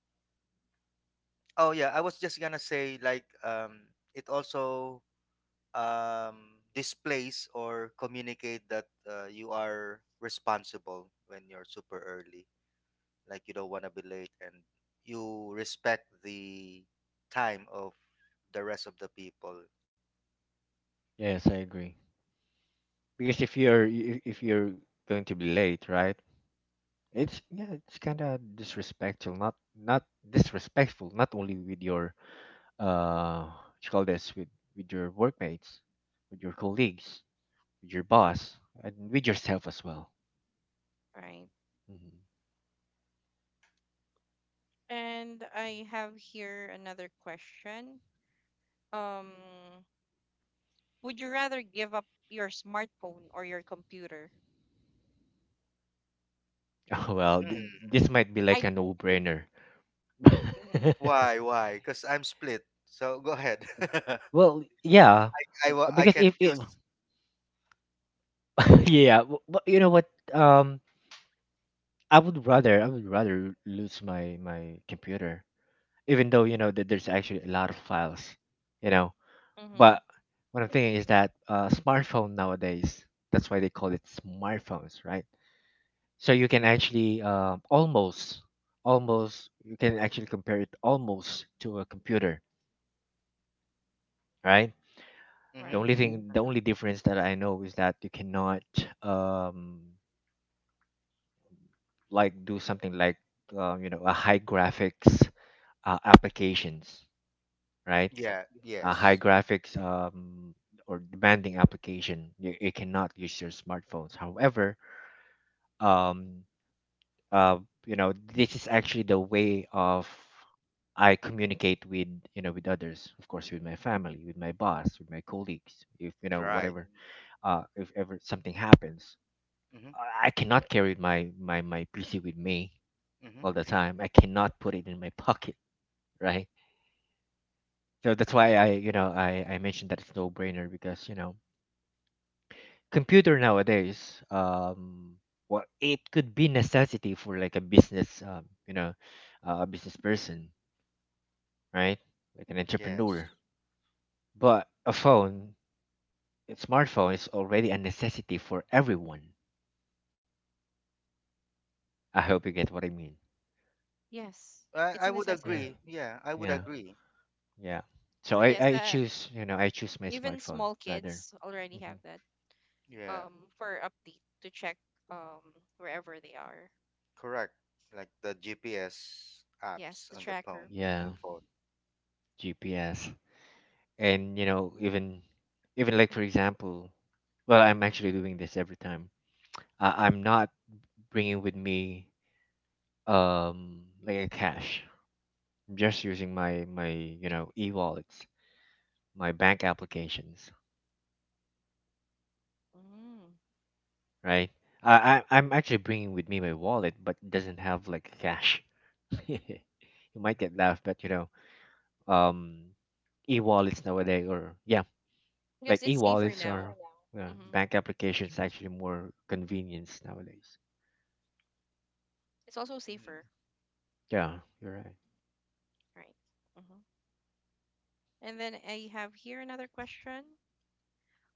Speaker 3: Oh yeah, I was just gonna say like it also displays or communicate that you are responsible when you're super early. Like you don't want to be late, and you respect the time of the rest of the people.
Speaker 2: Yes, I agree. Because if you're going to be late, right? It's, yeah, it's kind of disrespectful. Not, not disrespectful. Not only with your, what you call this, with your workmates, with your colleagues, with your boss, and with yourself as well.
Speaker 1: Right.
Speaker 2: Mhm.
Speaker 1: And I have here another question. um would you rather give up your smartphone or your computer?
Speaker 2: Oh well,
Speaker 3: Hmm.
Speaker 2: this might be
Speaker 1: I
Speaker 2: like a no-brainer.
Speaker 1: mm-hmm,
Speaker 3: Why? Why? Because I'm split. So go ahead.
Speaker 2: Well, yeah,
Speaker 3: I
Speaker 2: because,
Speaker 3: can
Speaker 2: if
Speaker 3: choose.
Speaker 2: yeah, but you know what, I would rather lose my computer, even though you know that there's actually a lot of files you know
Speaker 1: mm-hmm,
Speaker 2: but what I'm thinking is that smartphone nowadays, that's why they call it smartphones, right? So you can actually almost you can actually compare it almost to a computer, right? The
Speaker 3: Mm-hmm.
Speaker 1: right.
Speaker 2: only. Mm-hmm. Thing, the only difference that I know is that you cannot um like do something like a high graphics applications, right?
Speaker 3: Yeah.
Speaker 2: A high
Speaker 3: Yes.
Speaker 2: graphics, or demanding application, you cannot use your smartphones. However, um uh, this is actually the way of, I communicate with, with others, of course, with my family, with my boss, with my colleagues, if you know,
Speaker 3: Right.
Speaker 2: whatever. If ever something happens, i
Speaker 3: Mm-hmm.
Speaker 2: I cannot carry my pc with me
Speaker 3: Mm-hmm.
Speaker 2: all the time. I cannot put it in my pocket, right? So that's why I you know I mentioned that it's no brainer, because you know, computer nowadays, well, it could be necessity for like a business, a business person, right? Like an entrepreneur.
Speaker 3: Yes.
Speaker 2: But a phone, a smartphone is already a necessity for everyone. I hope you get what I mean.
Speaker 1: Yes,
Speaker 3: I,
Speaker 1: it's
Speaker 3: I
Speaker 1: a
Speaker 3: would
Speaker 2: Yeah.
Speaker 1: necessity.
Speaker 3: agree. Yeah, I would
Speaker 2: Yeah.
Speaker 3: agree.
Speaker 2: Yeah. So I,
Speaker 1: Yes,
Speaker 2: I choose, you know, I choose my
Speaker 1: even
Speaker 2: smartphone,
Speaker 1: small
Speaker 2: rather.
Speaker 1: kids already
Speaker 2: Hmm.
Speaker 1: have that,
Speaker 3: Yeah,
Speaker 1: um for update to check um wherever they are.
Speaker 3: correct. Like the GPS
Speaker 1: Yes,
Speaker 3: apps
Speaker 1: the
Speaker 3: on the phone,
Speaker 1: tracker.
Speaker 3: on the
Speaker 2: Yeah.
Speaker 3: phone.
Speaker 2: GPS. And you know, even like for example, well, I'm actually doing this every time. I'm not bringing with me like a cash. I'm just using my e-wallets, my bank applications.
Speaker 1: Mm,
Speaker 2: Right? I,
Speaker 1: yeah,
Speaker 2: I'm actually bringing with me my wallet, but it doesn't have like cash. You might get laughed, but you know, um, e-wallets nowadays, or yeah,
Speaker 1: because
Speaker 2: like
Speaker 1: it's safer
Speaker 2: e-wallets
Speaker 1: now.
Speaker 2: are, yeah,
Speaker 1: Mm-hmm,
Speaker 2: bank
Speaker 1: much
Speaker 2: applications
Speaker 1: more
Speaker 2: actually more convenience nowadays.
Speaker 1: it's also
Speaker 3: Mm,
Speaker 1: safer,
Speaker 2: Yeah, you're right.
Speaker 1: right. Mm-hmm. And then I have here another question.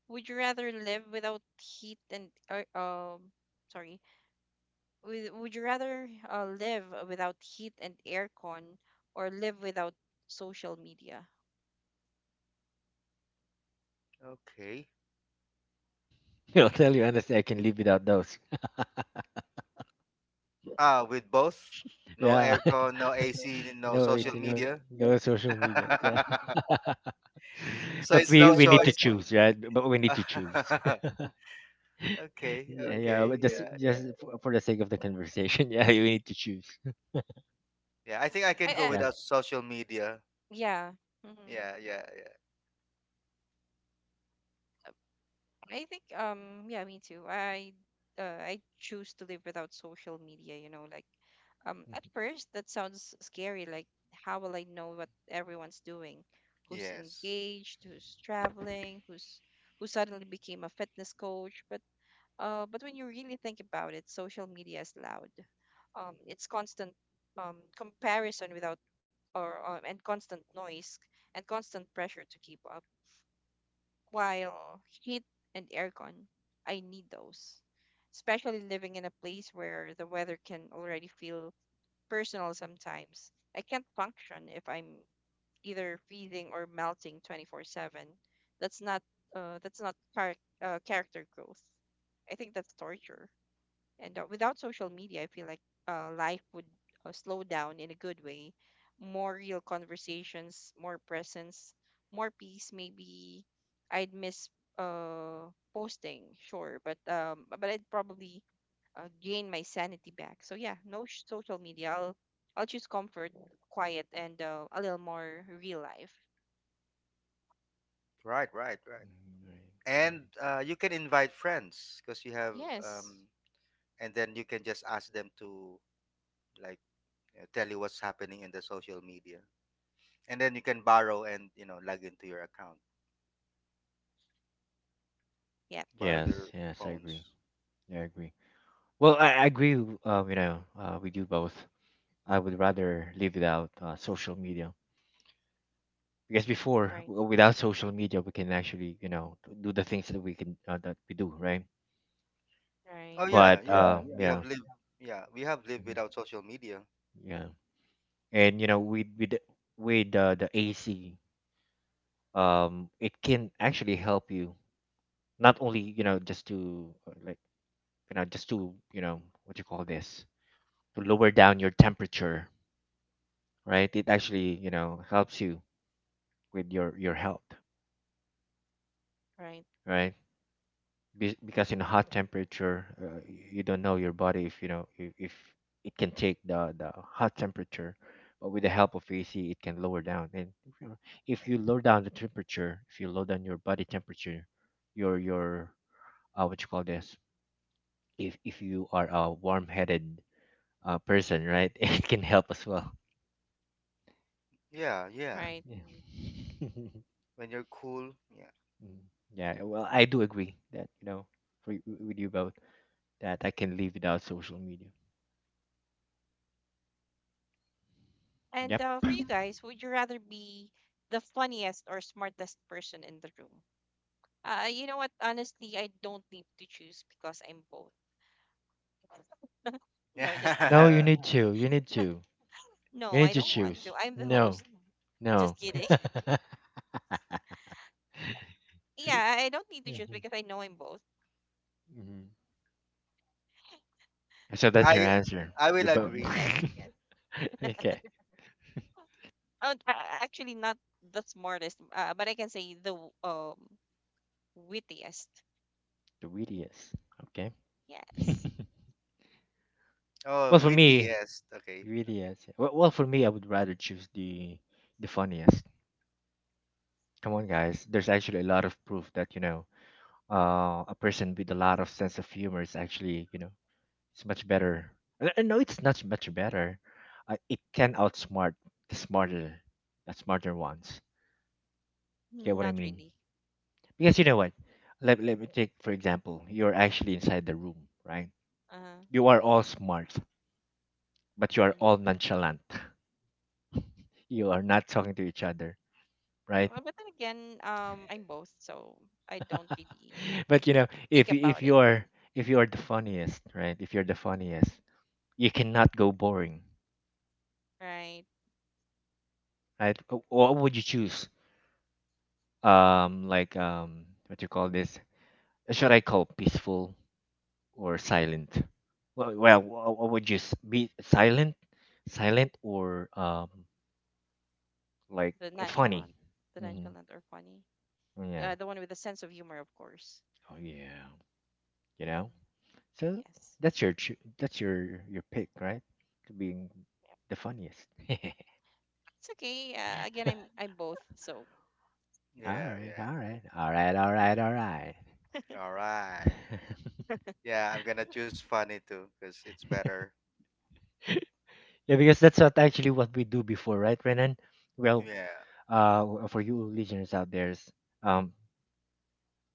Speaker 1: Would you rather live without heat and or sorry, would you rather live without heat and aircon, or live without social media?
Speaker 3: okay.
Speaker 2: I'll tell you honestly, I can live without those.
Speaker 3: Ah, with both? No
Speaker 2: Yeah.
Speaker 3: aircon, no AC, no
Speaker 2: No, it's,
Speaker 3: social
Speaker 2: you know,
Speaker 3: media.
Speaker 2: no social media. Yeah.
Speaker 3: So
Speaker 2: But
Speaker 3: it's
Speaker 2: we
Speaker 3: no
Speaker 2: we need to
Speaker 3: choice.
Speaker 2: choose, right? But we need to choose.
Speaker 3: Okay,
Speaker 2: Yeah, yeah,
Speaker 3: okay.
Speaker 2: but just
Speaker 3: Yeah, yeah.
Speaker 2: just for the sake of the conversation, yeah, you need to choose.
Speaker 3: Yeah, I think I
Speaker 1: I,
Speaker 3: can go
Speaker 1: I
Speaker 2: Yeah.
Speaker 3: without social media.
Speaker 1: yeah. Hmm.
Speaker 3: Yeah, yeah, yeah.
Speaker 1: I think yeah, me too. I choose to live without social media, you know, like
Speaker 2: Mhm,
Speaker 1: at first that sounds scary, like how will I know what everyone's doing? Who's
Speaker 3: Yes.
Speaker 1: engaged, who's traveling, who's who suddenly became a fitness coach? But But when you really think about it, social media is loud. It's constant comparison without or and constant noise and constant pressure to keep up. While heat and aircon, I need those, especially living in a place where the weather can already feel personal sometimes. I can't function if I'm either freezing or melting 24/7. That's not uh, that's not char- character growth. I think that's torture. And without social media, I feel like life would slow down in a good way. More real conversations, more presence, more peace. Maybe I'd miss posting, sure, but I'd probably gain my sanity back. So yeah, no social media. I'll choose comfort, quiet, and a little more real life.
Speaker 3: Right, right, right.
Speaker 2: mhm. Right, right.
Speaker 3: And you can invite friends because you have
Speaker 1: Yes.
Speaker 3: um, and then you can just ask them to like tell you what's happening in the social media, and then you can borrow and log into your account,
Speaker 1: Yep.
Speaker 3: borrow
Speaker 2: Yes,
Speaker 3: their
Speaker 2: yes, I agree.
Speaker 3: phones.
Speaker 2: Yeah, I agree. Well, I agree. We do both. I would rather live without social media, because before,
Speaker 1: Right.
Speaker 2: without social media, we can actually, you know, do the things that we can, that we do, right?
Speaker 3: Oh
Speaker 1: Right.
Speaker 3: yeah,
Speaker 2: But
Speaker 3: we have
Speaker 2: yeah,
Speaker 3: lived yeah, we have lived without social media.
Speaker 2: yeah, and you know, with the AC, it can actually help you, not only, you know, just to, just to, you know, what you call this, to lower down your temperature, right? It actually, you know, helps you with your health,
Speaker 1: Right.
Speaker 2: right? Because in hot temperature, you don't know your body if you know, if it can take the hot temperature. But with the help of AC, it can lower down. And if you lower down the temperature, if you lower down your body temperature, your what you call this, if you are a warm-headed person, right? It can help as well.
Speaker 3: Yeah, yeah,
Speaker 1: Right.
Speaker 2: Yeah.
Speaker 3: when you're cool, yeah.
Speaker 2: Mm, yeah. Well, I do agree that, you know, for, with you both, that I can live without social media.
Speaker 1: And
Speaker 2: Yep.
Speaker 1: for you guys, would you rather be the funniest or smartest person in the room? You know what? Honestly, I don't need to choose because I'm both. No, just
Speaker 2: No,
Speaker 1: kidding.
Speaker 2: you
Speaker 3: Yeah.
Speaker 2: need to. You need to.
Speaker 1: No,
Speaker 2: You need
Speaker 1: I
Speaker 2: to
Speaker 1: don't want to.
Speaker 2: choose.
Speaker 1: I'm the
Speaker 2: No,
Speaker 1: host. Just
Speaker 2: no.
Speaker 1: kidding. Yeah, I don't need to choose
Speaker 2: Mhm.
Speaker 1: because I know I'm both.
Speaker 2: Mhm. So that's your
Speaker 3: i
Speaker 2: answer.
Speaker 3: i
Speaker 2: We
Speaker 3: will
Speaker 2: both.
Speaker 3: agree.
Speaker 1: Yes.
Speaker 2: Okay.
Speaker 1: Uh, a- Actually, not the smartest, but I can say the wittiest.
Speaker 2: The wittiest. Okay.
Speaker 1: Yes.
Speaker 3: Oh,
Speaker 2: Well, for
Speaker 3: witty,
Speaker 2: me.
Speaker 3: yes, okay, okay.
Speaker 2: Wittiest. For me, I would rather choose the funniest. Come on, guys. There's actually a lot of proof that, you know, a person with a lot of sense of humor is actually, you know, it's much better. No, it's not much better. It can outsmart the smarter, the smarter ones. Get what I
Speaker 1: Not
Speaker 2: mean?
Speaker 1: really.
Speaker 2: Because you know what? Let me take, for example, you're actually inside the room, right?
Speaker 1: Uh,
Speaker 2: You are all smart, but you are
Speaker 1: mhm.
Speaker 2: all nonchalant. You are not talking to each other, right?
Speaker 1: But then again, I'm both, so I don't really
Speaker 2: But you know,
Speaker 1: think about it.
Speaker 2: if you're the funniest, right? If you're the funniest, you cannot go boring,
Speaker 1: Right?
Speaker 2: right? What would you choose, what you call this, should I call peaceful or silent? Well, what would you be, silent, or like
Speaker 1: The
Speaker 2: funny?
Speaker 1: nonchalant, the
Speaker 2: Hmm.
Speaker 1: nonchalant or funny.
Speaker 2: Yeah.
Speaker 1: The one with a sense of humor, of course.
Speaker 2: Oh yeah. You know,
Speaker 1: Hmm.
Speaker 2: so
Speaker 1: Yes.
Speaker 2: that's your pick, right? To being
Speaker 1: Yeah.
Speaker 2: the funniest.
Speaker 1: It's okay. Again, I'm both. So
Speaker 2: All
Speaker 3: Yeah,
Speaker 2: right,
Speaker 3: yeah,
Speaker 2: all right, all right, all right, all right.
Speaker 3: all right. Yeah, I'm gonna choose funny too because it's better.
Speaker 2: Yeah, because that's what actually what we do before, right, Renan? Well,
Speaker 3: Yeah.
Speaker 2: for you listeners out there, um,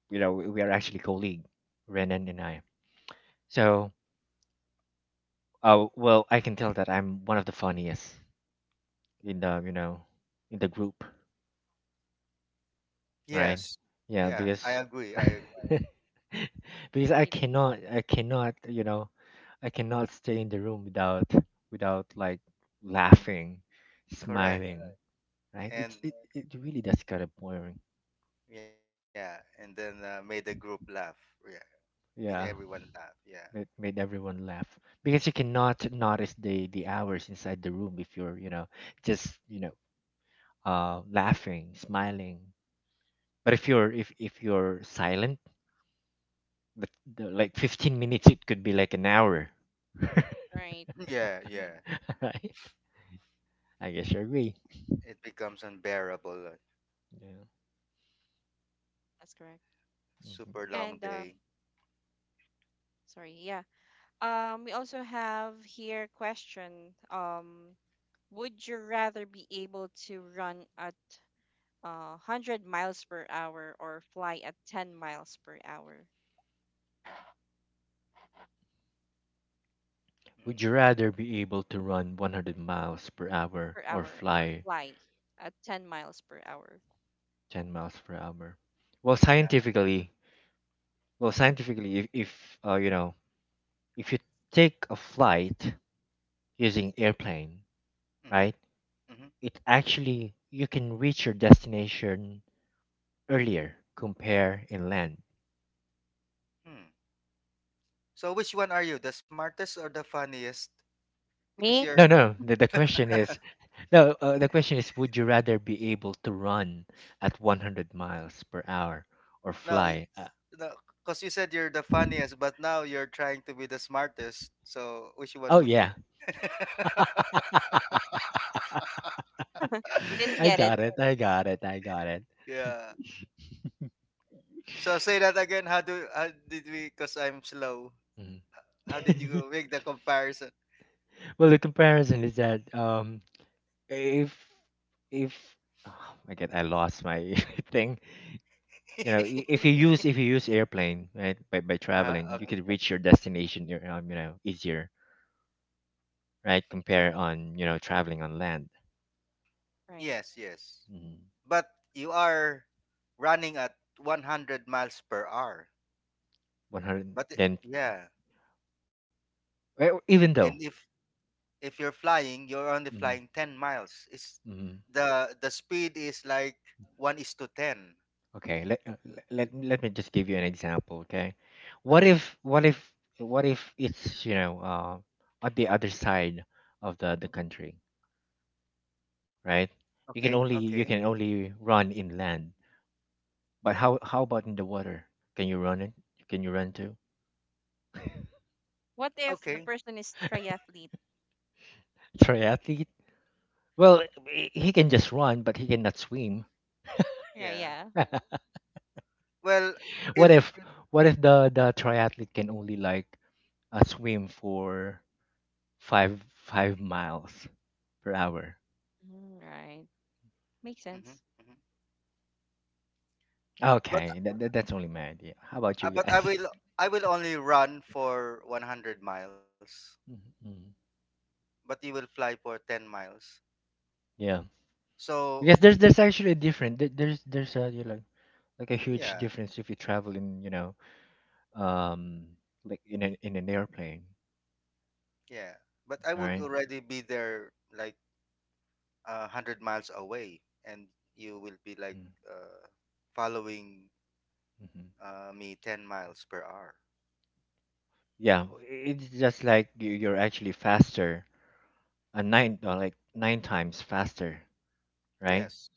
Speaker 2: you know, we are actually colleague, Renan and I. So, well, I can tell that I'm one of the funniest in the, you know, in the group, right?
Speaker 3: Yes.
Speaker 2: Yeah,
Speaker 3: yeah i
Speaker 2: because
Speaker 3: agree i agree
Speaker 2: because
Speaker 1: really,
Speaker 2: I cannot stay in the room without like laughing,
Speaker 3: Correct.
Speaker 2: smiling, right?
Speaker 3: And
Speaker 2: It really does kind of boring.
Speaker 3: yeah, and then made the group laugh. Yeah, made
Speaker 2: Yeah.
Speaker 3: everyone laugh. Yeah.
Speaker 2: Made everyone laugh, because you cannot notice the hours inside the room if you're, you know, just, laughing, smiling. But if you're silent, the, like 15 minutes it could be like an hour.
Speaker 1: right?
Speaker 3: Yeah,
Speaker 1: Hmm.
Speaker 3: yeah.
Speaker 2: Right? I guess you agree.
Speaker 3: It becomes unbearable, like,
Speaker 2: Yeah.
Speaker 1: That's correct.
Speaker 2: Hmm.
Speaker 3: super long
Speaker 1: And
Speaker 3: day.
Speaker 1: sorry, yeah. We also have here question. Would you rather be able to run at 100 miles per hour or fly at 10 miles
Speaker 2: Would
Speaker 3: Hmm.
Speaker 2: you rather be able to run 100 miles per hour
Speaker 1: per
Speaker 2: or
Speaker 1: hour or
Speaker 2: fly
Speaker 1: fly at 10 miles per hour?
Speaker 2: 10 miles per hour? well scientifically well, scientifically, if, if you take a flight using airplane,
Speaker 3: Mm-hmm.
Speaker 2: right?
Speaker 3: Mm-hmm.
Speaker 2: It actually you can reach your destination earlier compare inland.
Speaker 3: Hmm. So which one are you, the smartest or the funniest? Because
Speaker 1: Me?
Speaker 2: No,
Speaker 3: you're
Speaker 2: no. The question is. No. The question is, would you rather be able to run at 100 miles per hour or
Speaker 3: no, y-
Speaker 2: fly?
Speaker 3: no, because you said you're the funniest, but now you're trying to be the smartest. So which one
Speaker 2: Oh
Speaker 3: would you?
Speaker 2: yeah,
Speaker 1: They didn't
Speaker 2: I
Speaker 1: get it.
Speaker 2: got it. I got it. I got it.
Speaker 3: Yeah. So say that again. How did we? Because I'm slow.
Speaker 2: Mhm.
Speaker 3: How did you make the comparison?
Speaker 2: Well, the comparison is that if if oh my god, I lost my thing. You know, if you use airplane, right, by
Speaker 3: Uh-huh, okay.
Speaker 2: traveling you could reach your destination, you know, you know, easier, right, compare on, you know, traveling on land.
Speaker 1: Right.
Speaker 3: Yes, yes.
Speaker 2: Mm-hmm.
Speaker 3: But you are running at 100 miles per hour.
Speaker 2: 100 then.
Speaker 3: Yeah,
Speaker 2: Well, even
Speaker 3: and
Speaker 2: though.
Speaker 3: if you're flying, you're only
Speaker 2: Hmm.
Speaker 3: flying 10 miles. It's
Speaker 2: Hmm.
Speaker 3: the speed is like one is to 10.
Speaker 2: Okay, let me just give you an example. Okay. what
Speaker 3: Okay,
Speaker 2: if what if what if it's, you know, on the other side of the country, right?
Speaker 3: okay, okay,
Speaker 2: You can only run inland. But how about in the water? Can you run it? Can you run too?
Speaker 1: What if the
Speaker 3: okay.
Speaker 1: person is triathlete?
Speaker 2: Triathlete? Well, he can just run, but he cannot swim.
Speaker 1: Yeah,
Speaker 3: Yeah.
Speaker 1: yeah.
Speaker 3: Well,
Speaker 2: what
Speaker 3: if.
Speaker 2: if what if the triathlete can only, like, swim for five miles per hour?
Speaker 1: Mhm, right. Makes
Speaker 3: Mhm,
Speaker 1: sense.
Speaker 3: mhm.
Speaker 2: Okay, that's only my idea. How about you
Speaker 3: But
Speaker 2: guys?
Speaker 3: I will only run for 100 miles,
Speaker 2: Mhm.
Speaker 3: but you will fly for 10 miles.
Speaker 2: Yeah,
Speaker 3: So,
Speaker 2: because there's actually a difference. There's a, you know, like a huge
Speaker 3: yeah,
Speaker 2: difference if you travel in, you know, um like in an airplane.
Speaker 3: yeah. But I
Speaker 2: All
Speaker 3: would
Speaker 2: right.
Speaker 3: already be there like a 100 miles away, and you will be like uh, following
Speaker 2: Mm-hmm.
Speaker 3: me 10 miles per hour.
Speaker 2: Yeah, it's just like you're actually faster, nine like, nine times faster, right?
Speaker 3: Yes.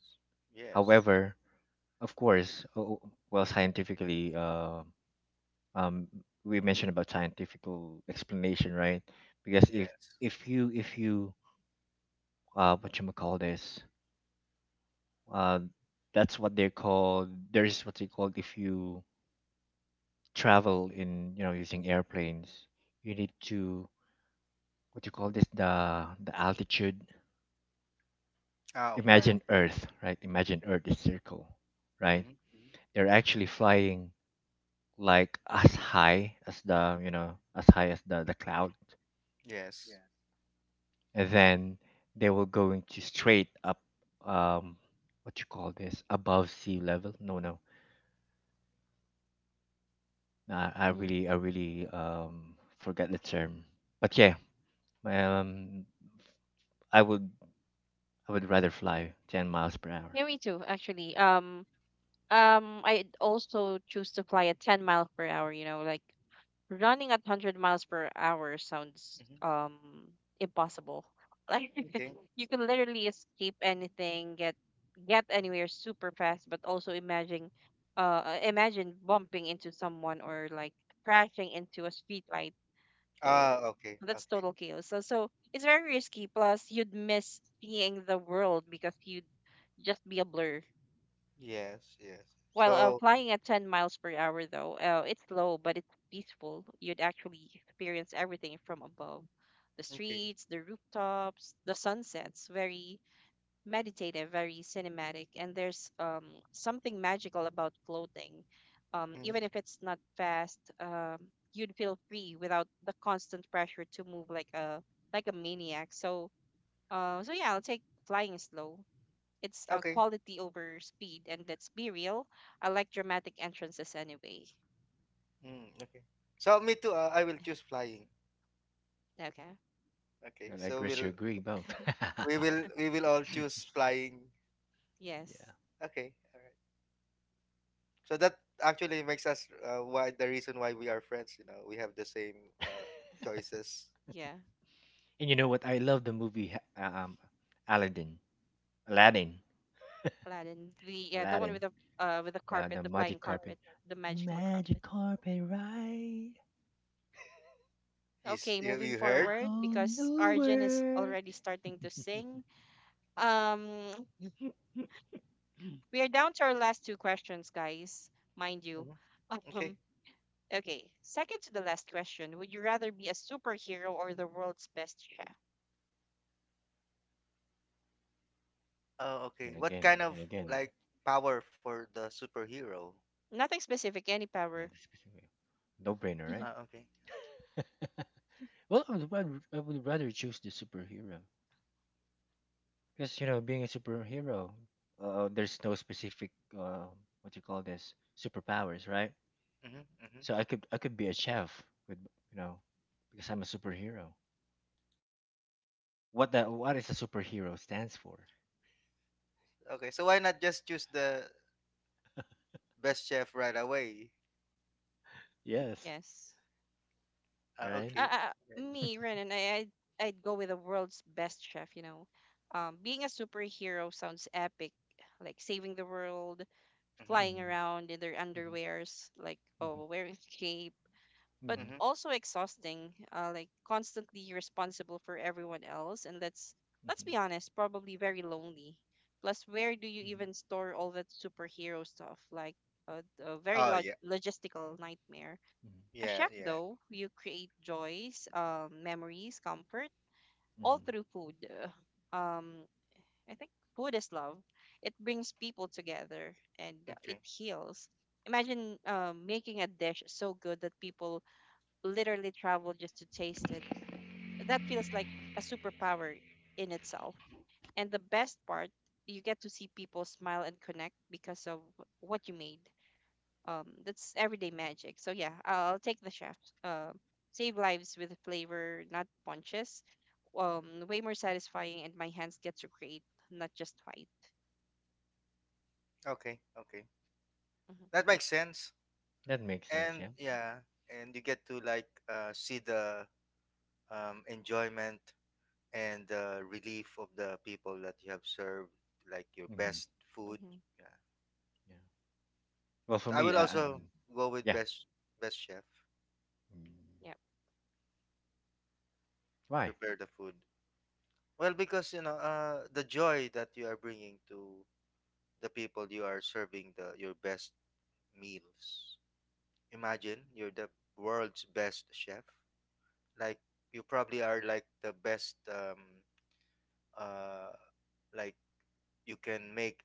Speaker 3: Yes.
Speaker 2: However, of course, well, scientifically, um, we mentioned about scientifical explanation, right? Because
Speaker 3: Yes.
Speaker 2: if you what you call this, uh, that's what they're called. There's what they called, if you travel in, you know, using airplanes, you need to, what you call this, the altitude.
Speaker 3: Ah, okay.
Speaker 2: Imagine Earth, right? Imagine Earth is circle, right?
Speaker 3: Mm-hmm.
Speaker 2: They're actually flying like as high as the, you know, as high as the cloud,
Speaker 3: Yes.
Speaker 2: and then they will going to straight up. Um, what you call this? Above sea level? No, no. Nah, I
Speaker 1: Hmm.
Speaker 2: really, I really forget the term. But yeah, um, I would, I would rather fly 10 miles per hour.
Speaker 1: Yeah, me too, actually. I also choose to fly at 10 miles per hour, you know, like running at 100 miles per hour sounds
Speaker 3: Mm-hmm.
Speaker 1: impossible. Like
Speaker 3: Okay.
Speaker 1: you can literally escape anything, get anywhere super fast, but also imagine bumping into someone, or like crashing into a streetlight.
Speaker 3: Ah,
Speaker 1: So
Speaker 3: okay.
Speaker 1: that's
Speaker 3: Okay.
Speaker 1: total chaos. So it's very risky. Plus, you'd miss seeing the world because you'd just be a blur.
Speaker 3: Yes, yes.
Speaker 1: While
Speaker 3: So,
Speaker 1: flying at 10 miles per hour, though, it's slow but it's peaceful. You'd actually experience everything from above: the
Speaker 3: okay.
Speaker 1: streets, the rooftops, the sunsets. Very meditative, very cinematic, and there's something magical about floating.
Speaker 3: Mm-hmm.
Speaker 1: Even if it's not fast, you'd feel free without the constant pressure to move like a maniac. So yeah, I'll take flying slow. It's
Speaker 3: Okay.
Speaker 1: quality over speed, and let's be real, I like dramatic entrances anyway.
Speaker 3: Mm, okay. So me too. I will choose flying.
Speaker 1: Okay.
Speaker 3: Okay.
Speaker 2: And I guess you agree both.
Speaker 3: We will we will all choose flying.
Speaker 1: Yes.
Speaker 3: Okay. All right. So that actually makes us why the reason why we are friends. You know, we have the same
Speaker 2: Yeah.
Speaker 3: uh, choices.
Speaker 1: Yeah.
Speaker 2: And you know what? I love the movie Aladdin. Aladdin.
Speaker 1: Aladdin. The yeah, the one
Speaker 2: Aladdin.
Speaker 1: with the carpet,
Speaker 2: The
Speaker 1: the flying
Speaker 2: magic carpet.
Speaker 1: carpet, the magical
Speaker 2: Magic
Speaker 1: carpet.
Speaker 2: carpet ride.
Speaker 3: Is
Speaker 1: Okay,
Speaker 3: you
Speaker 1: moving
Speaker 3: You
Speaker 2: A
Speaker 3: heard?
Speaker 1: forward
Speaker 2: whole
Speaker 1: because
Speaker 2: new
Speaker 1: Arjun is
Speaker 2: world.
Speaker 1: already starting to sing. Um, we are down to our last two questions, guys. Mind you.
Speaker 3: Hmm. Okay.
Speaker 1: Um, okay, second to the last question. Would you rather be a superhero or the world's best chef?
Speaker 3: Oh, okay.
Speaker 2: And
Speaker 3: What
Speaker 2: again,
Speaker 3: kind
Speaker 2: and
Speaker 3: of
Speaker 2: again.
Speaker 3: like power for the superhero?
Speaker 1: Nothing specific, any
Speaker 2: Not
Speaker 1: power.
Speaker 2: the specific- No brainer,
Speaker 3: Okay.
Speaker 2: right? Well, I would rather choose the superhero, because, you know, being a superhero, there's no specific, what you call this, superpowers, right?
Speaker 3: Mm-hmm, mm-hmm.
Speaker 2: So I could be a chef with, you know, because I'm a superhero. What is a superhero stands for?
Speaker 3: Okay. So why not just choose the best chef right away?
Speaker 2: Yes,
Speaker 1: Yes.
Speaker 2: right.
Speaker 3: Okay. Okay.
Speaker 1: Me, Renan, I'd go with the world's best chef, you know. Being a superhero sounds epic, like saving the world,
Speaker 3: Mm-hmm,
Speaker 1: flying
Speaker 2: Mhm,
Speaker 1: around in their
Speaker 2: mhm,
Speaker 1: underwears, like
Speaker 2: mhm,
Speaker 1: oh, wearing cape, but
Speaker 2: mhm,
Speaker 3: mm-hmm.
Speaker 1: also exhausting, like constantly responsible for everyone else, and let's
Speaker 2: mhm,
Speaker 1: be honest, probably very lonely. Plus, where do you
Speaker 2: mhm,
Speaker 1: even store all that superhero stuff? Like a very
Speaker 3: Oh yeah.
Speaker 1: logistical nightmare.
Speaker 2: mhm,
Speaker 1: A
Speaker 3: Yeah,
Speaker 1: chef,
Speaker 3: yeah.
Speaker 1: though, you create joys, memories, comfort, all through
Speaker 2: hmm.
Speaker 1: food. Uh, Um, I think food is love. It brings people together and it
Speaker 3: Okay.
Speaker 1: heals. Imagine making a dish so good that people literally travel just to taste it. That feels like a superpower in itself. And the best part, you get to see people smile and connect because of what you made. That's everyday magic. So yeah, I'll take the chef. Um, save lives with flavor, not punches. Way more satisfying, and my hands get to create, not just fight.
Speaker 3: Okay. Okay.
Speaker 1: Mm-hmm.
Speaker 3: That makes sense.
Speaker 2: That makes sense.
Speaker 3: And
Speaker 2: Yeah,
Speaker 3: yeah, and you get to like see the enjoyment and the relief of the people that you have served, like your
Speaker 2: mhm,
Speaker 3: best food.
Speaker 1: Mm-hmm.
Speaker 3: Yeah.
Speaker 2: yeah. Well,
Speaker 3: So
Speaker 2: for
Speaker 3: I will
Speaker 2: me,
Speaker 3: also go with
Speaker 2: yeah.
Speaker 3: best chef,
Speaker 2: Mhm.
Speaker 1: Yep.
Speaker 2: Why?
Speaker 3: prepare the food. Well, because you know the joy that you are bringing to the people you are serving the your best meals. Imagine you're the world's best chef, like you probably are like the best uh like you can make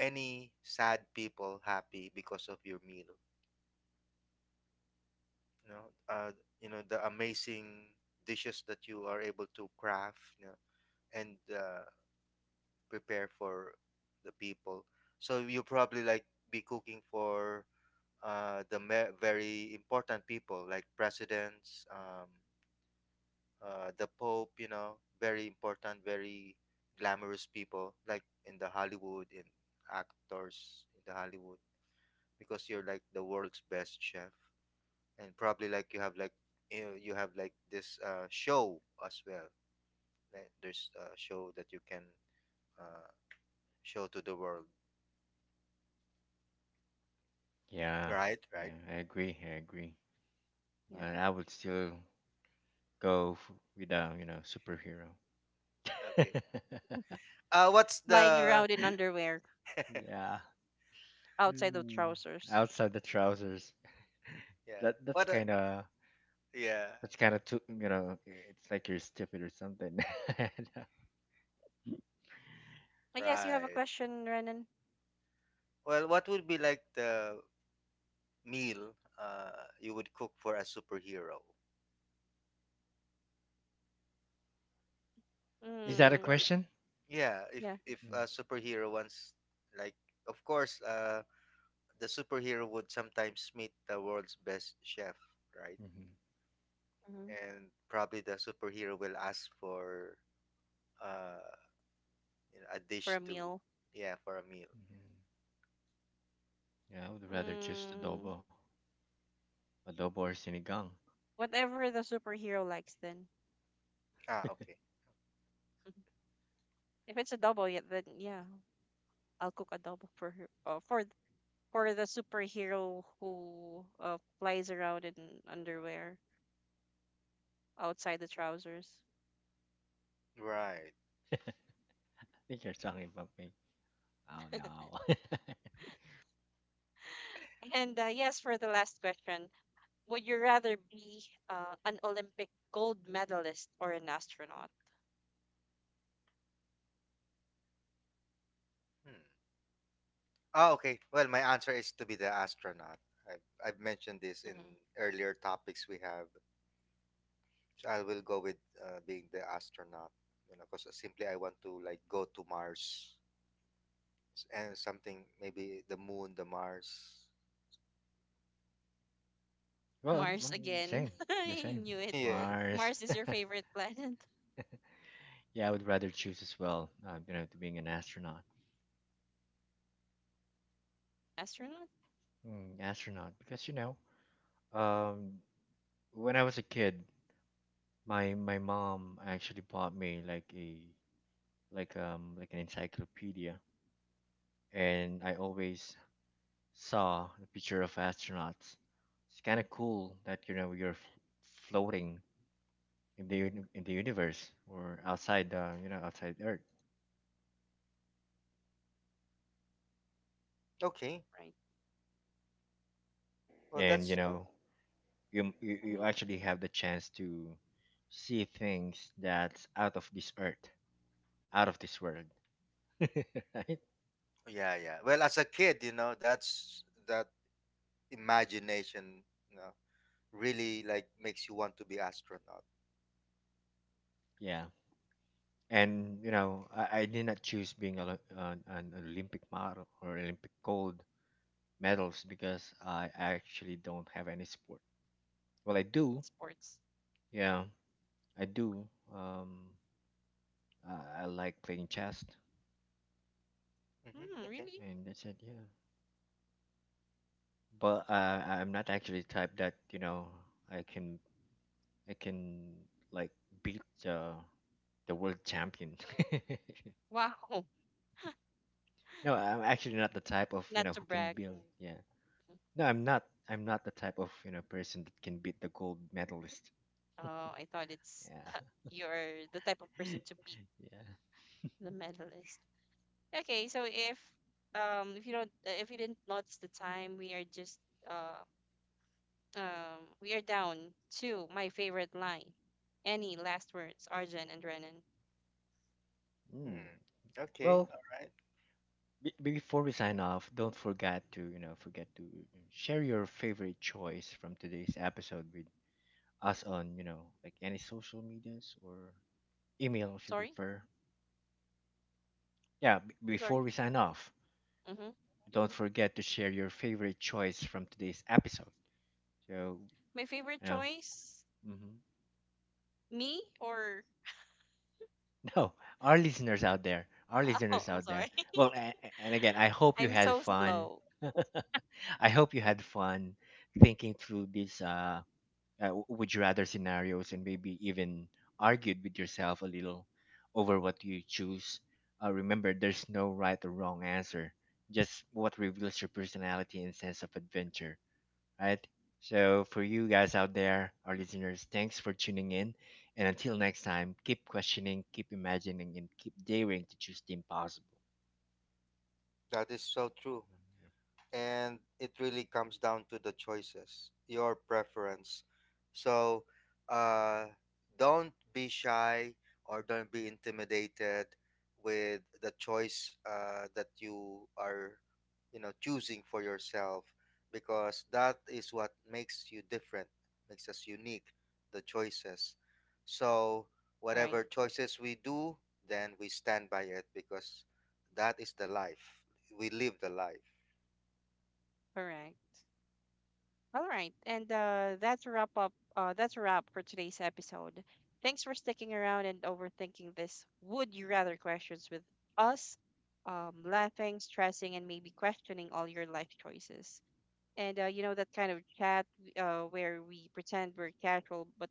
Speaker 3: any sad people happy because of your meal, you know, you know the amazing dishes that you are able to craft, you know, and prepare for the people. So you probably like be cooking for the very important people like presidents, the Pope, you know, very important, very glamorous people, like in the Hollywood, in actors in the Hollywood, because you're like the world's best chef, and probably like you have like you know, you have like this show as well. Like, there's a show that you can uh, show to the world.
Speaker 2: Yeah,
Speaker 3: Right, right.
Speaker 2: yeah. I agree. I agree.
Speaker 1: Yep.
Speaker 2: But I would still go f- with a, you know, superhero.
Speaker 3: Okay. What's
Speaker 1: Flying
Speaker 3: the
Speaker 1: around in underwear
Speaker 2: Yeah.
Speaker 1: outside of
Speaker 2: Mm,
Speaker 1: trousers.
Speaker 2: outside the trousers.
Speaker 3: yeah?
Speaker 2: That
Speaker 3: What?
Speaker 2: that's kind of
Speaker 3: Yeah.
Speaker 2: that's kind of too, you know, it's like you're stupid or something.
Speaker 1: I guess you have a
Speaker 3: Right.
Speaker 1: question, Renan.
Speaker 3: Well, what would be like the meal uh, you would cook for a superhero?
Speaker 2: Is
Speaker 3: If
Speaker 2: that a
Speaker 1: Mm,
Speaker 2: question?
Speaker 3: yeah,
Speaker 1: yeah.
Speaker 3: if
Speaker 2: Mm.
Speaker 3: a superhero wants, like of course, the superhero would sometimes meet the world's best chef, right?
Speaker 2: Mm-hmm.
Speaker 1: Mm-hmm.
Speaker 3: And probably the superhero will ask for uh, you know, a
Speaker 1: For
Speaker 3: dish
Speaker 1: a
Speaker 3: to
Speaker 1: meal.
Speaker 3: yeah for a meal.
Speaker 2: Mm-hmm. Yeah, I would rather just
Speaker 1: Mm,
Speaker 2: adobo, or sinigang.
Speaker 1: whatever the superhero likes, then.
Speaker 3: Ah, okay,
Speaker 1: If it's a double, yeah, then yeah, I'll cook a double for her. For for the superhero who flies around in underwear outside the trousers.
Speaker 3: right.
Speaker 2: I think you're talking about me. Oh no.
Speaker 1: And yes, for the last question, would you rather be an Olympic gold medalist or an astronaut?
Speaker 3: Hmm. Oh, okay. Well, my answer is to be the astronaut. I've mentioned this
Speaker 1: Mhm.
Speaker 3: in earlier topics we have. So I will go with being the astronaut, you know, because simply I want to like go to Mars and something maybe the moon, the Mars.
Speaker 2: Well,
Speaker 1: Mars again.
Speaker 2: same, the
Speaker 1: I
Speaker 2: same.
Speaker 1: knew it.
Speaker 3: Yeah.
Speaker 2: Mars.
Speaker 1: Mars is your favorite planet.
Speaker 2: Yeah, I would rather choose as well, you know, to being an astronaut.
Speaker 1: Astronaut?
Speaker 2: Mm, astronaut, because, you know, um, when I was a kid, my mom actually bought me like a, like, like an encyclopedia, and I always saw the picture of astronauts. It's kind of cool that, you know, you're floating in the in the universe, or outside the, you know, outside Earth,
Speaker 3: Okay.
Speaker 1: Right.
Speaker 3: Well,
Speaker 2: and, you
Speaker 3: that's
Speaker 2: know, you
Speaker 1: Hmm.
Speaker 2: actually have the chance to see things that's out of this earth, out of this world, right?
Speaker 3: yeah, yeah. Well, as a kid, you know, that's that imagination, you know, really like makes you want to be astronaut.
Speaker 2: Yeah, and, you know, I did not choose being an Olympic model or Olympic gold medals, because I actually don't have any sport. Well, I do,
Speaker 1: Sports.
Speaker 2: yeah, I do. Um, I like playing chess,
Speaker 3: Mm-hmm.
Speaker 1: Hmm,
Speaker 3: Okay.
Speaker 1: really?
Speaker 2: and that's it. Yeah, but I'm not actually the type that, you know, I can I can like beat the world champion.
Speaker 1: Wow.
Speaker 2: No, I'm actually not the type of, you
Speaker 1: Not
Speaker 2: know,
Speaker 1: to
Speaker 2: who can
Speaker 1: brag.
Speaker 2: build. Yeah, no, I'm not. I'm not the type of, you know, person that can beat the gold medalist.
Speaker 1: Oh, I thought it's
Speaker 2: Yeah,
Speaker 1: you're the type of person to beat
Speaker 2: yeah.
Speaker 1: the medalist. Okay, so if you don't if you didn't notice the time, we are just uh we are down to my favorite line. Any last words, Arjun and Renan?
Speaker 2: Mm.
Speaker 3: Hmm. Okay.
Speaker 2: Well,
Speaker 3: All right.
Speaker 2: be before we sign off, don't forget to, you know, forget to share your favorite choice from today's episode with us on, you know, like any social medias or email if you
Speaker 1: Sorry,
Speaker 2: prefer. Yeah,
Speaker 1: I'm sorry.
Speaker 2: before we sign off,
Speaker 1: Mm-hmm.
Speaker 2: don't forget to share your favorite choice from today's episode. So,
Speaker 1: My favorite
Speaker 2: you know,
Speaker 1: choice,
Speaker 2: hmm,
Speaker 1: me or
Speaker 2: no, our listeners out there, our
Speaker 1: oh,
Speaker 2: listeners
Speaker 1: I'm
Speaker 2: out
Speaker 1: sorry.
Speaker 2: there. Well, and again, I hope you
Speaker 1: I'm
Speaker 2: had
Speaker 1: so
Speaker 2: fun.
Speaker 1: slow.
Speaker 2: I hope you had fun thinking through these would you rather scenarios, and maybe even
Speaker 1: Mhm.
Speaker 2: argued with yourself a little over what you choose. Remember, there's no right or wrong answer, just what reveals your personality and sense of adventure, right? So, for you guys out there, our listeners, thanks for tuning in. And until next time, keep questioning, keep imagining, and keep daring to choose the impossible.
Speaker 3: That is so true, and it really comes down to the choices, your preference. So, uh, don't be shy or don't be intimidated with the choice that you are, you know, choosing for yourself, because that is what makes you different, makes us unique. The choices. So,
Speaker 1: Right,
Speaker 3: whatever choices we do, then we stand by it because that is the life. We live the life.
Speaker 1: correct. All right, and that's a wrap up. That's a wrap for today's episode. Thanks for sticking around and overthinking this would you rather questions with us, laughing, stressing, and maybe questioning all your life choices. And you know that kind of chat where we pretend we're casual but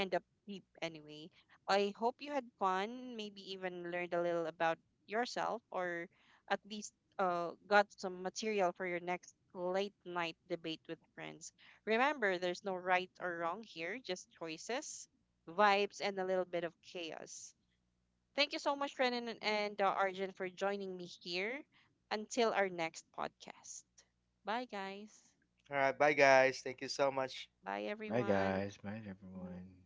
Speaker 1: end up deep anyway. I hope you had fun, maybe even learned a little about yourself, or at least got some material for your next late night debate with friends. Remember, there's no right or wrong here, just choices, vibes, and a little bit of chaos. Thank you so much, Renan and Arjun, for joining me here. Until our next podcast. Bye, guys.
Speaker 3: All right, bye guys. Thank you so much.
Speaker 1: Bye,
Speaker 2: Bye,
Speaker 1: everyone.
Speaker 2: guys. Bye,
Speaker 1: Mhm.
Speaker 2: everyone.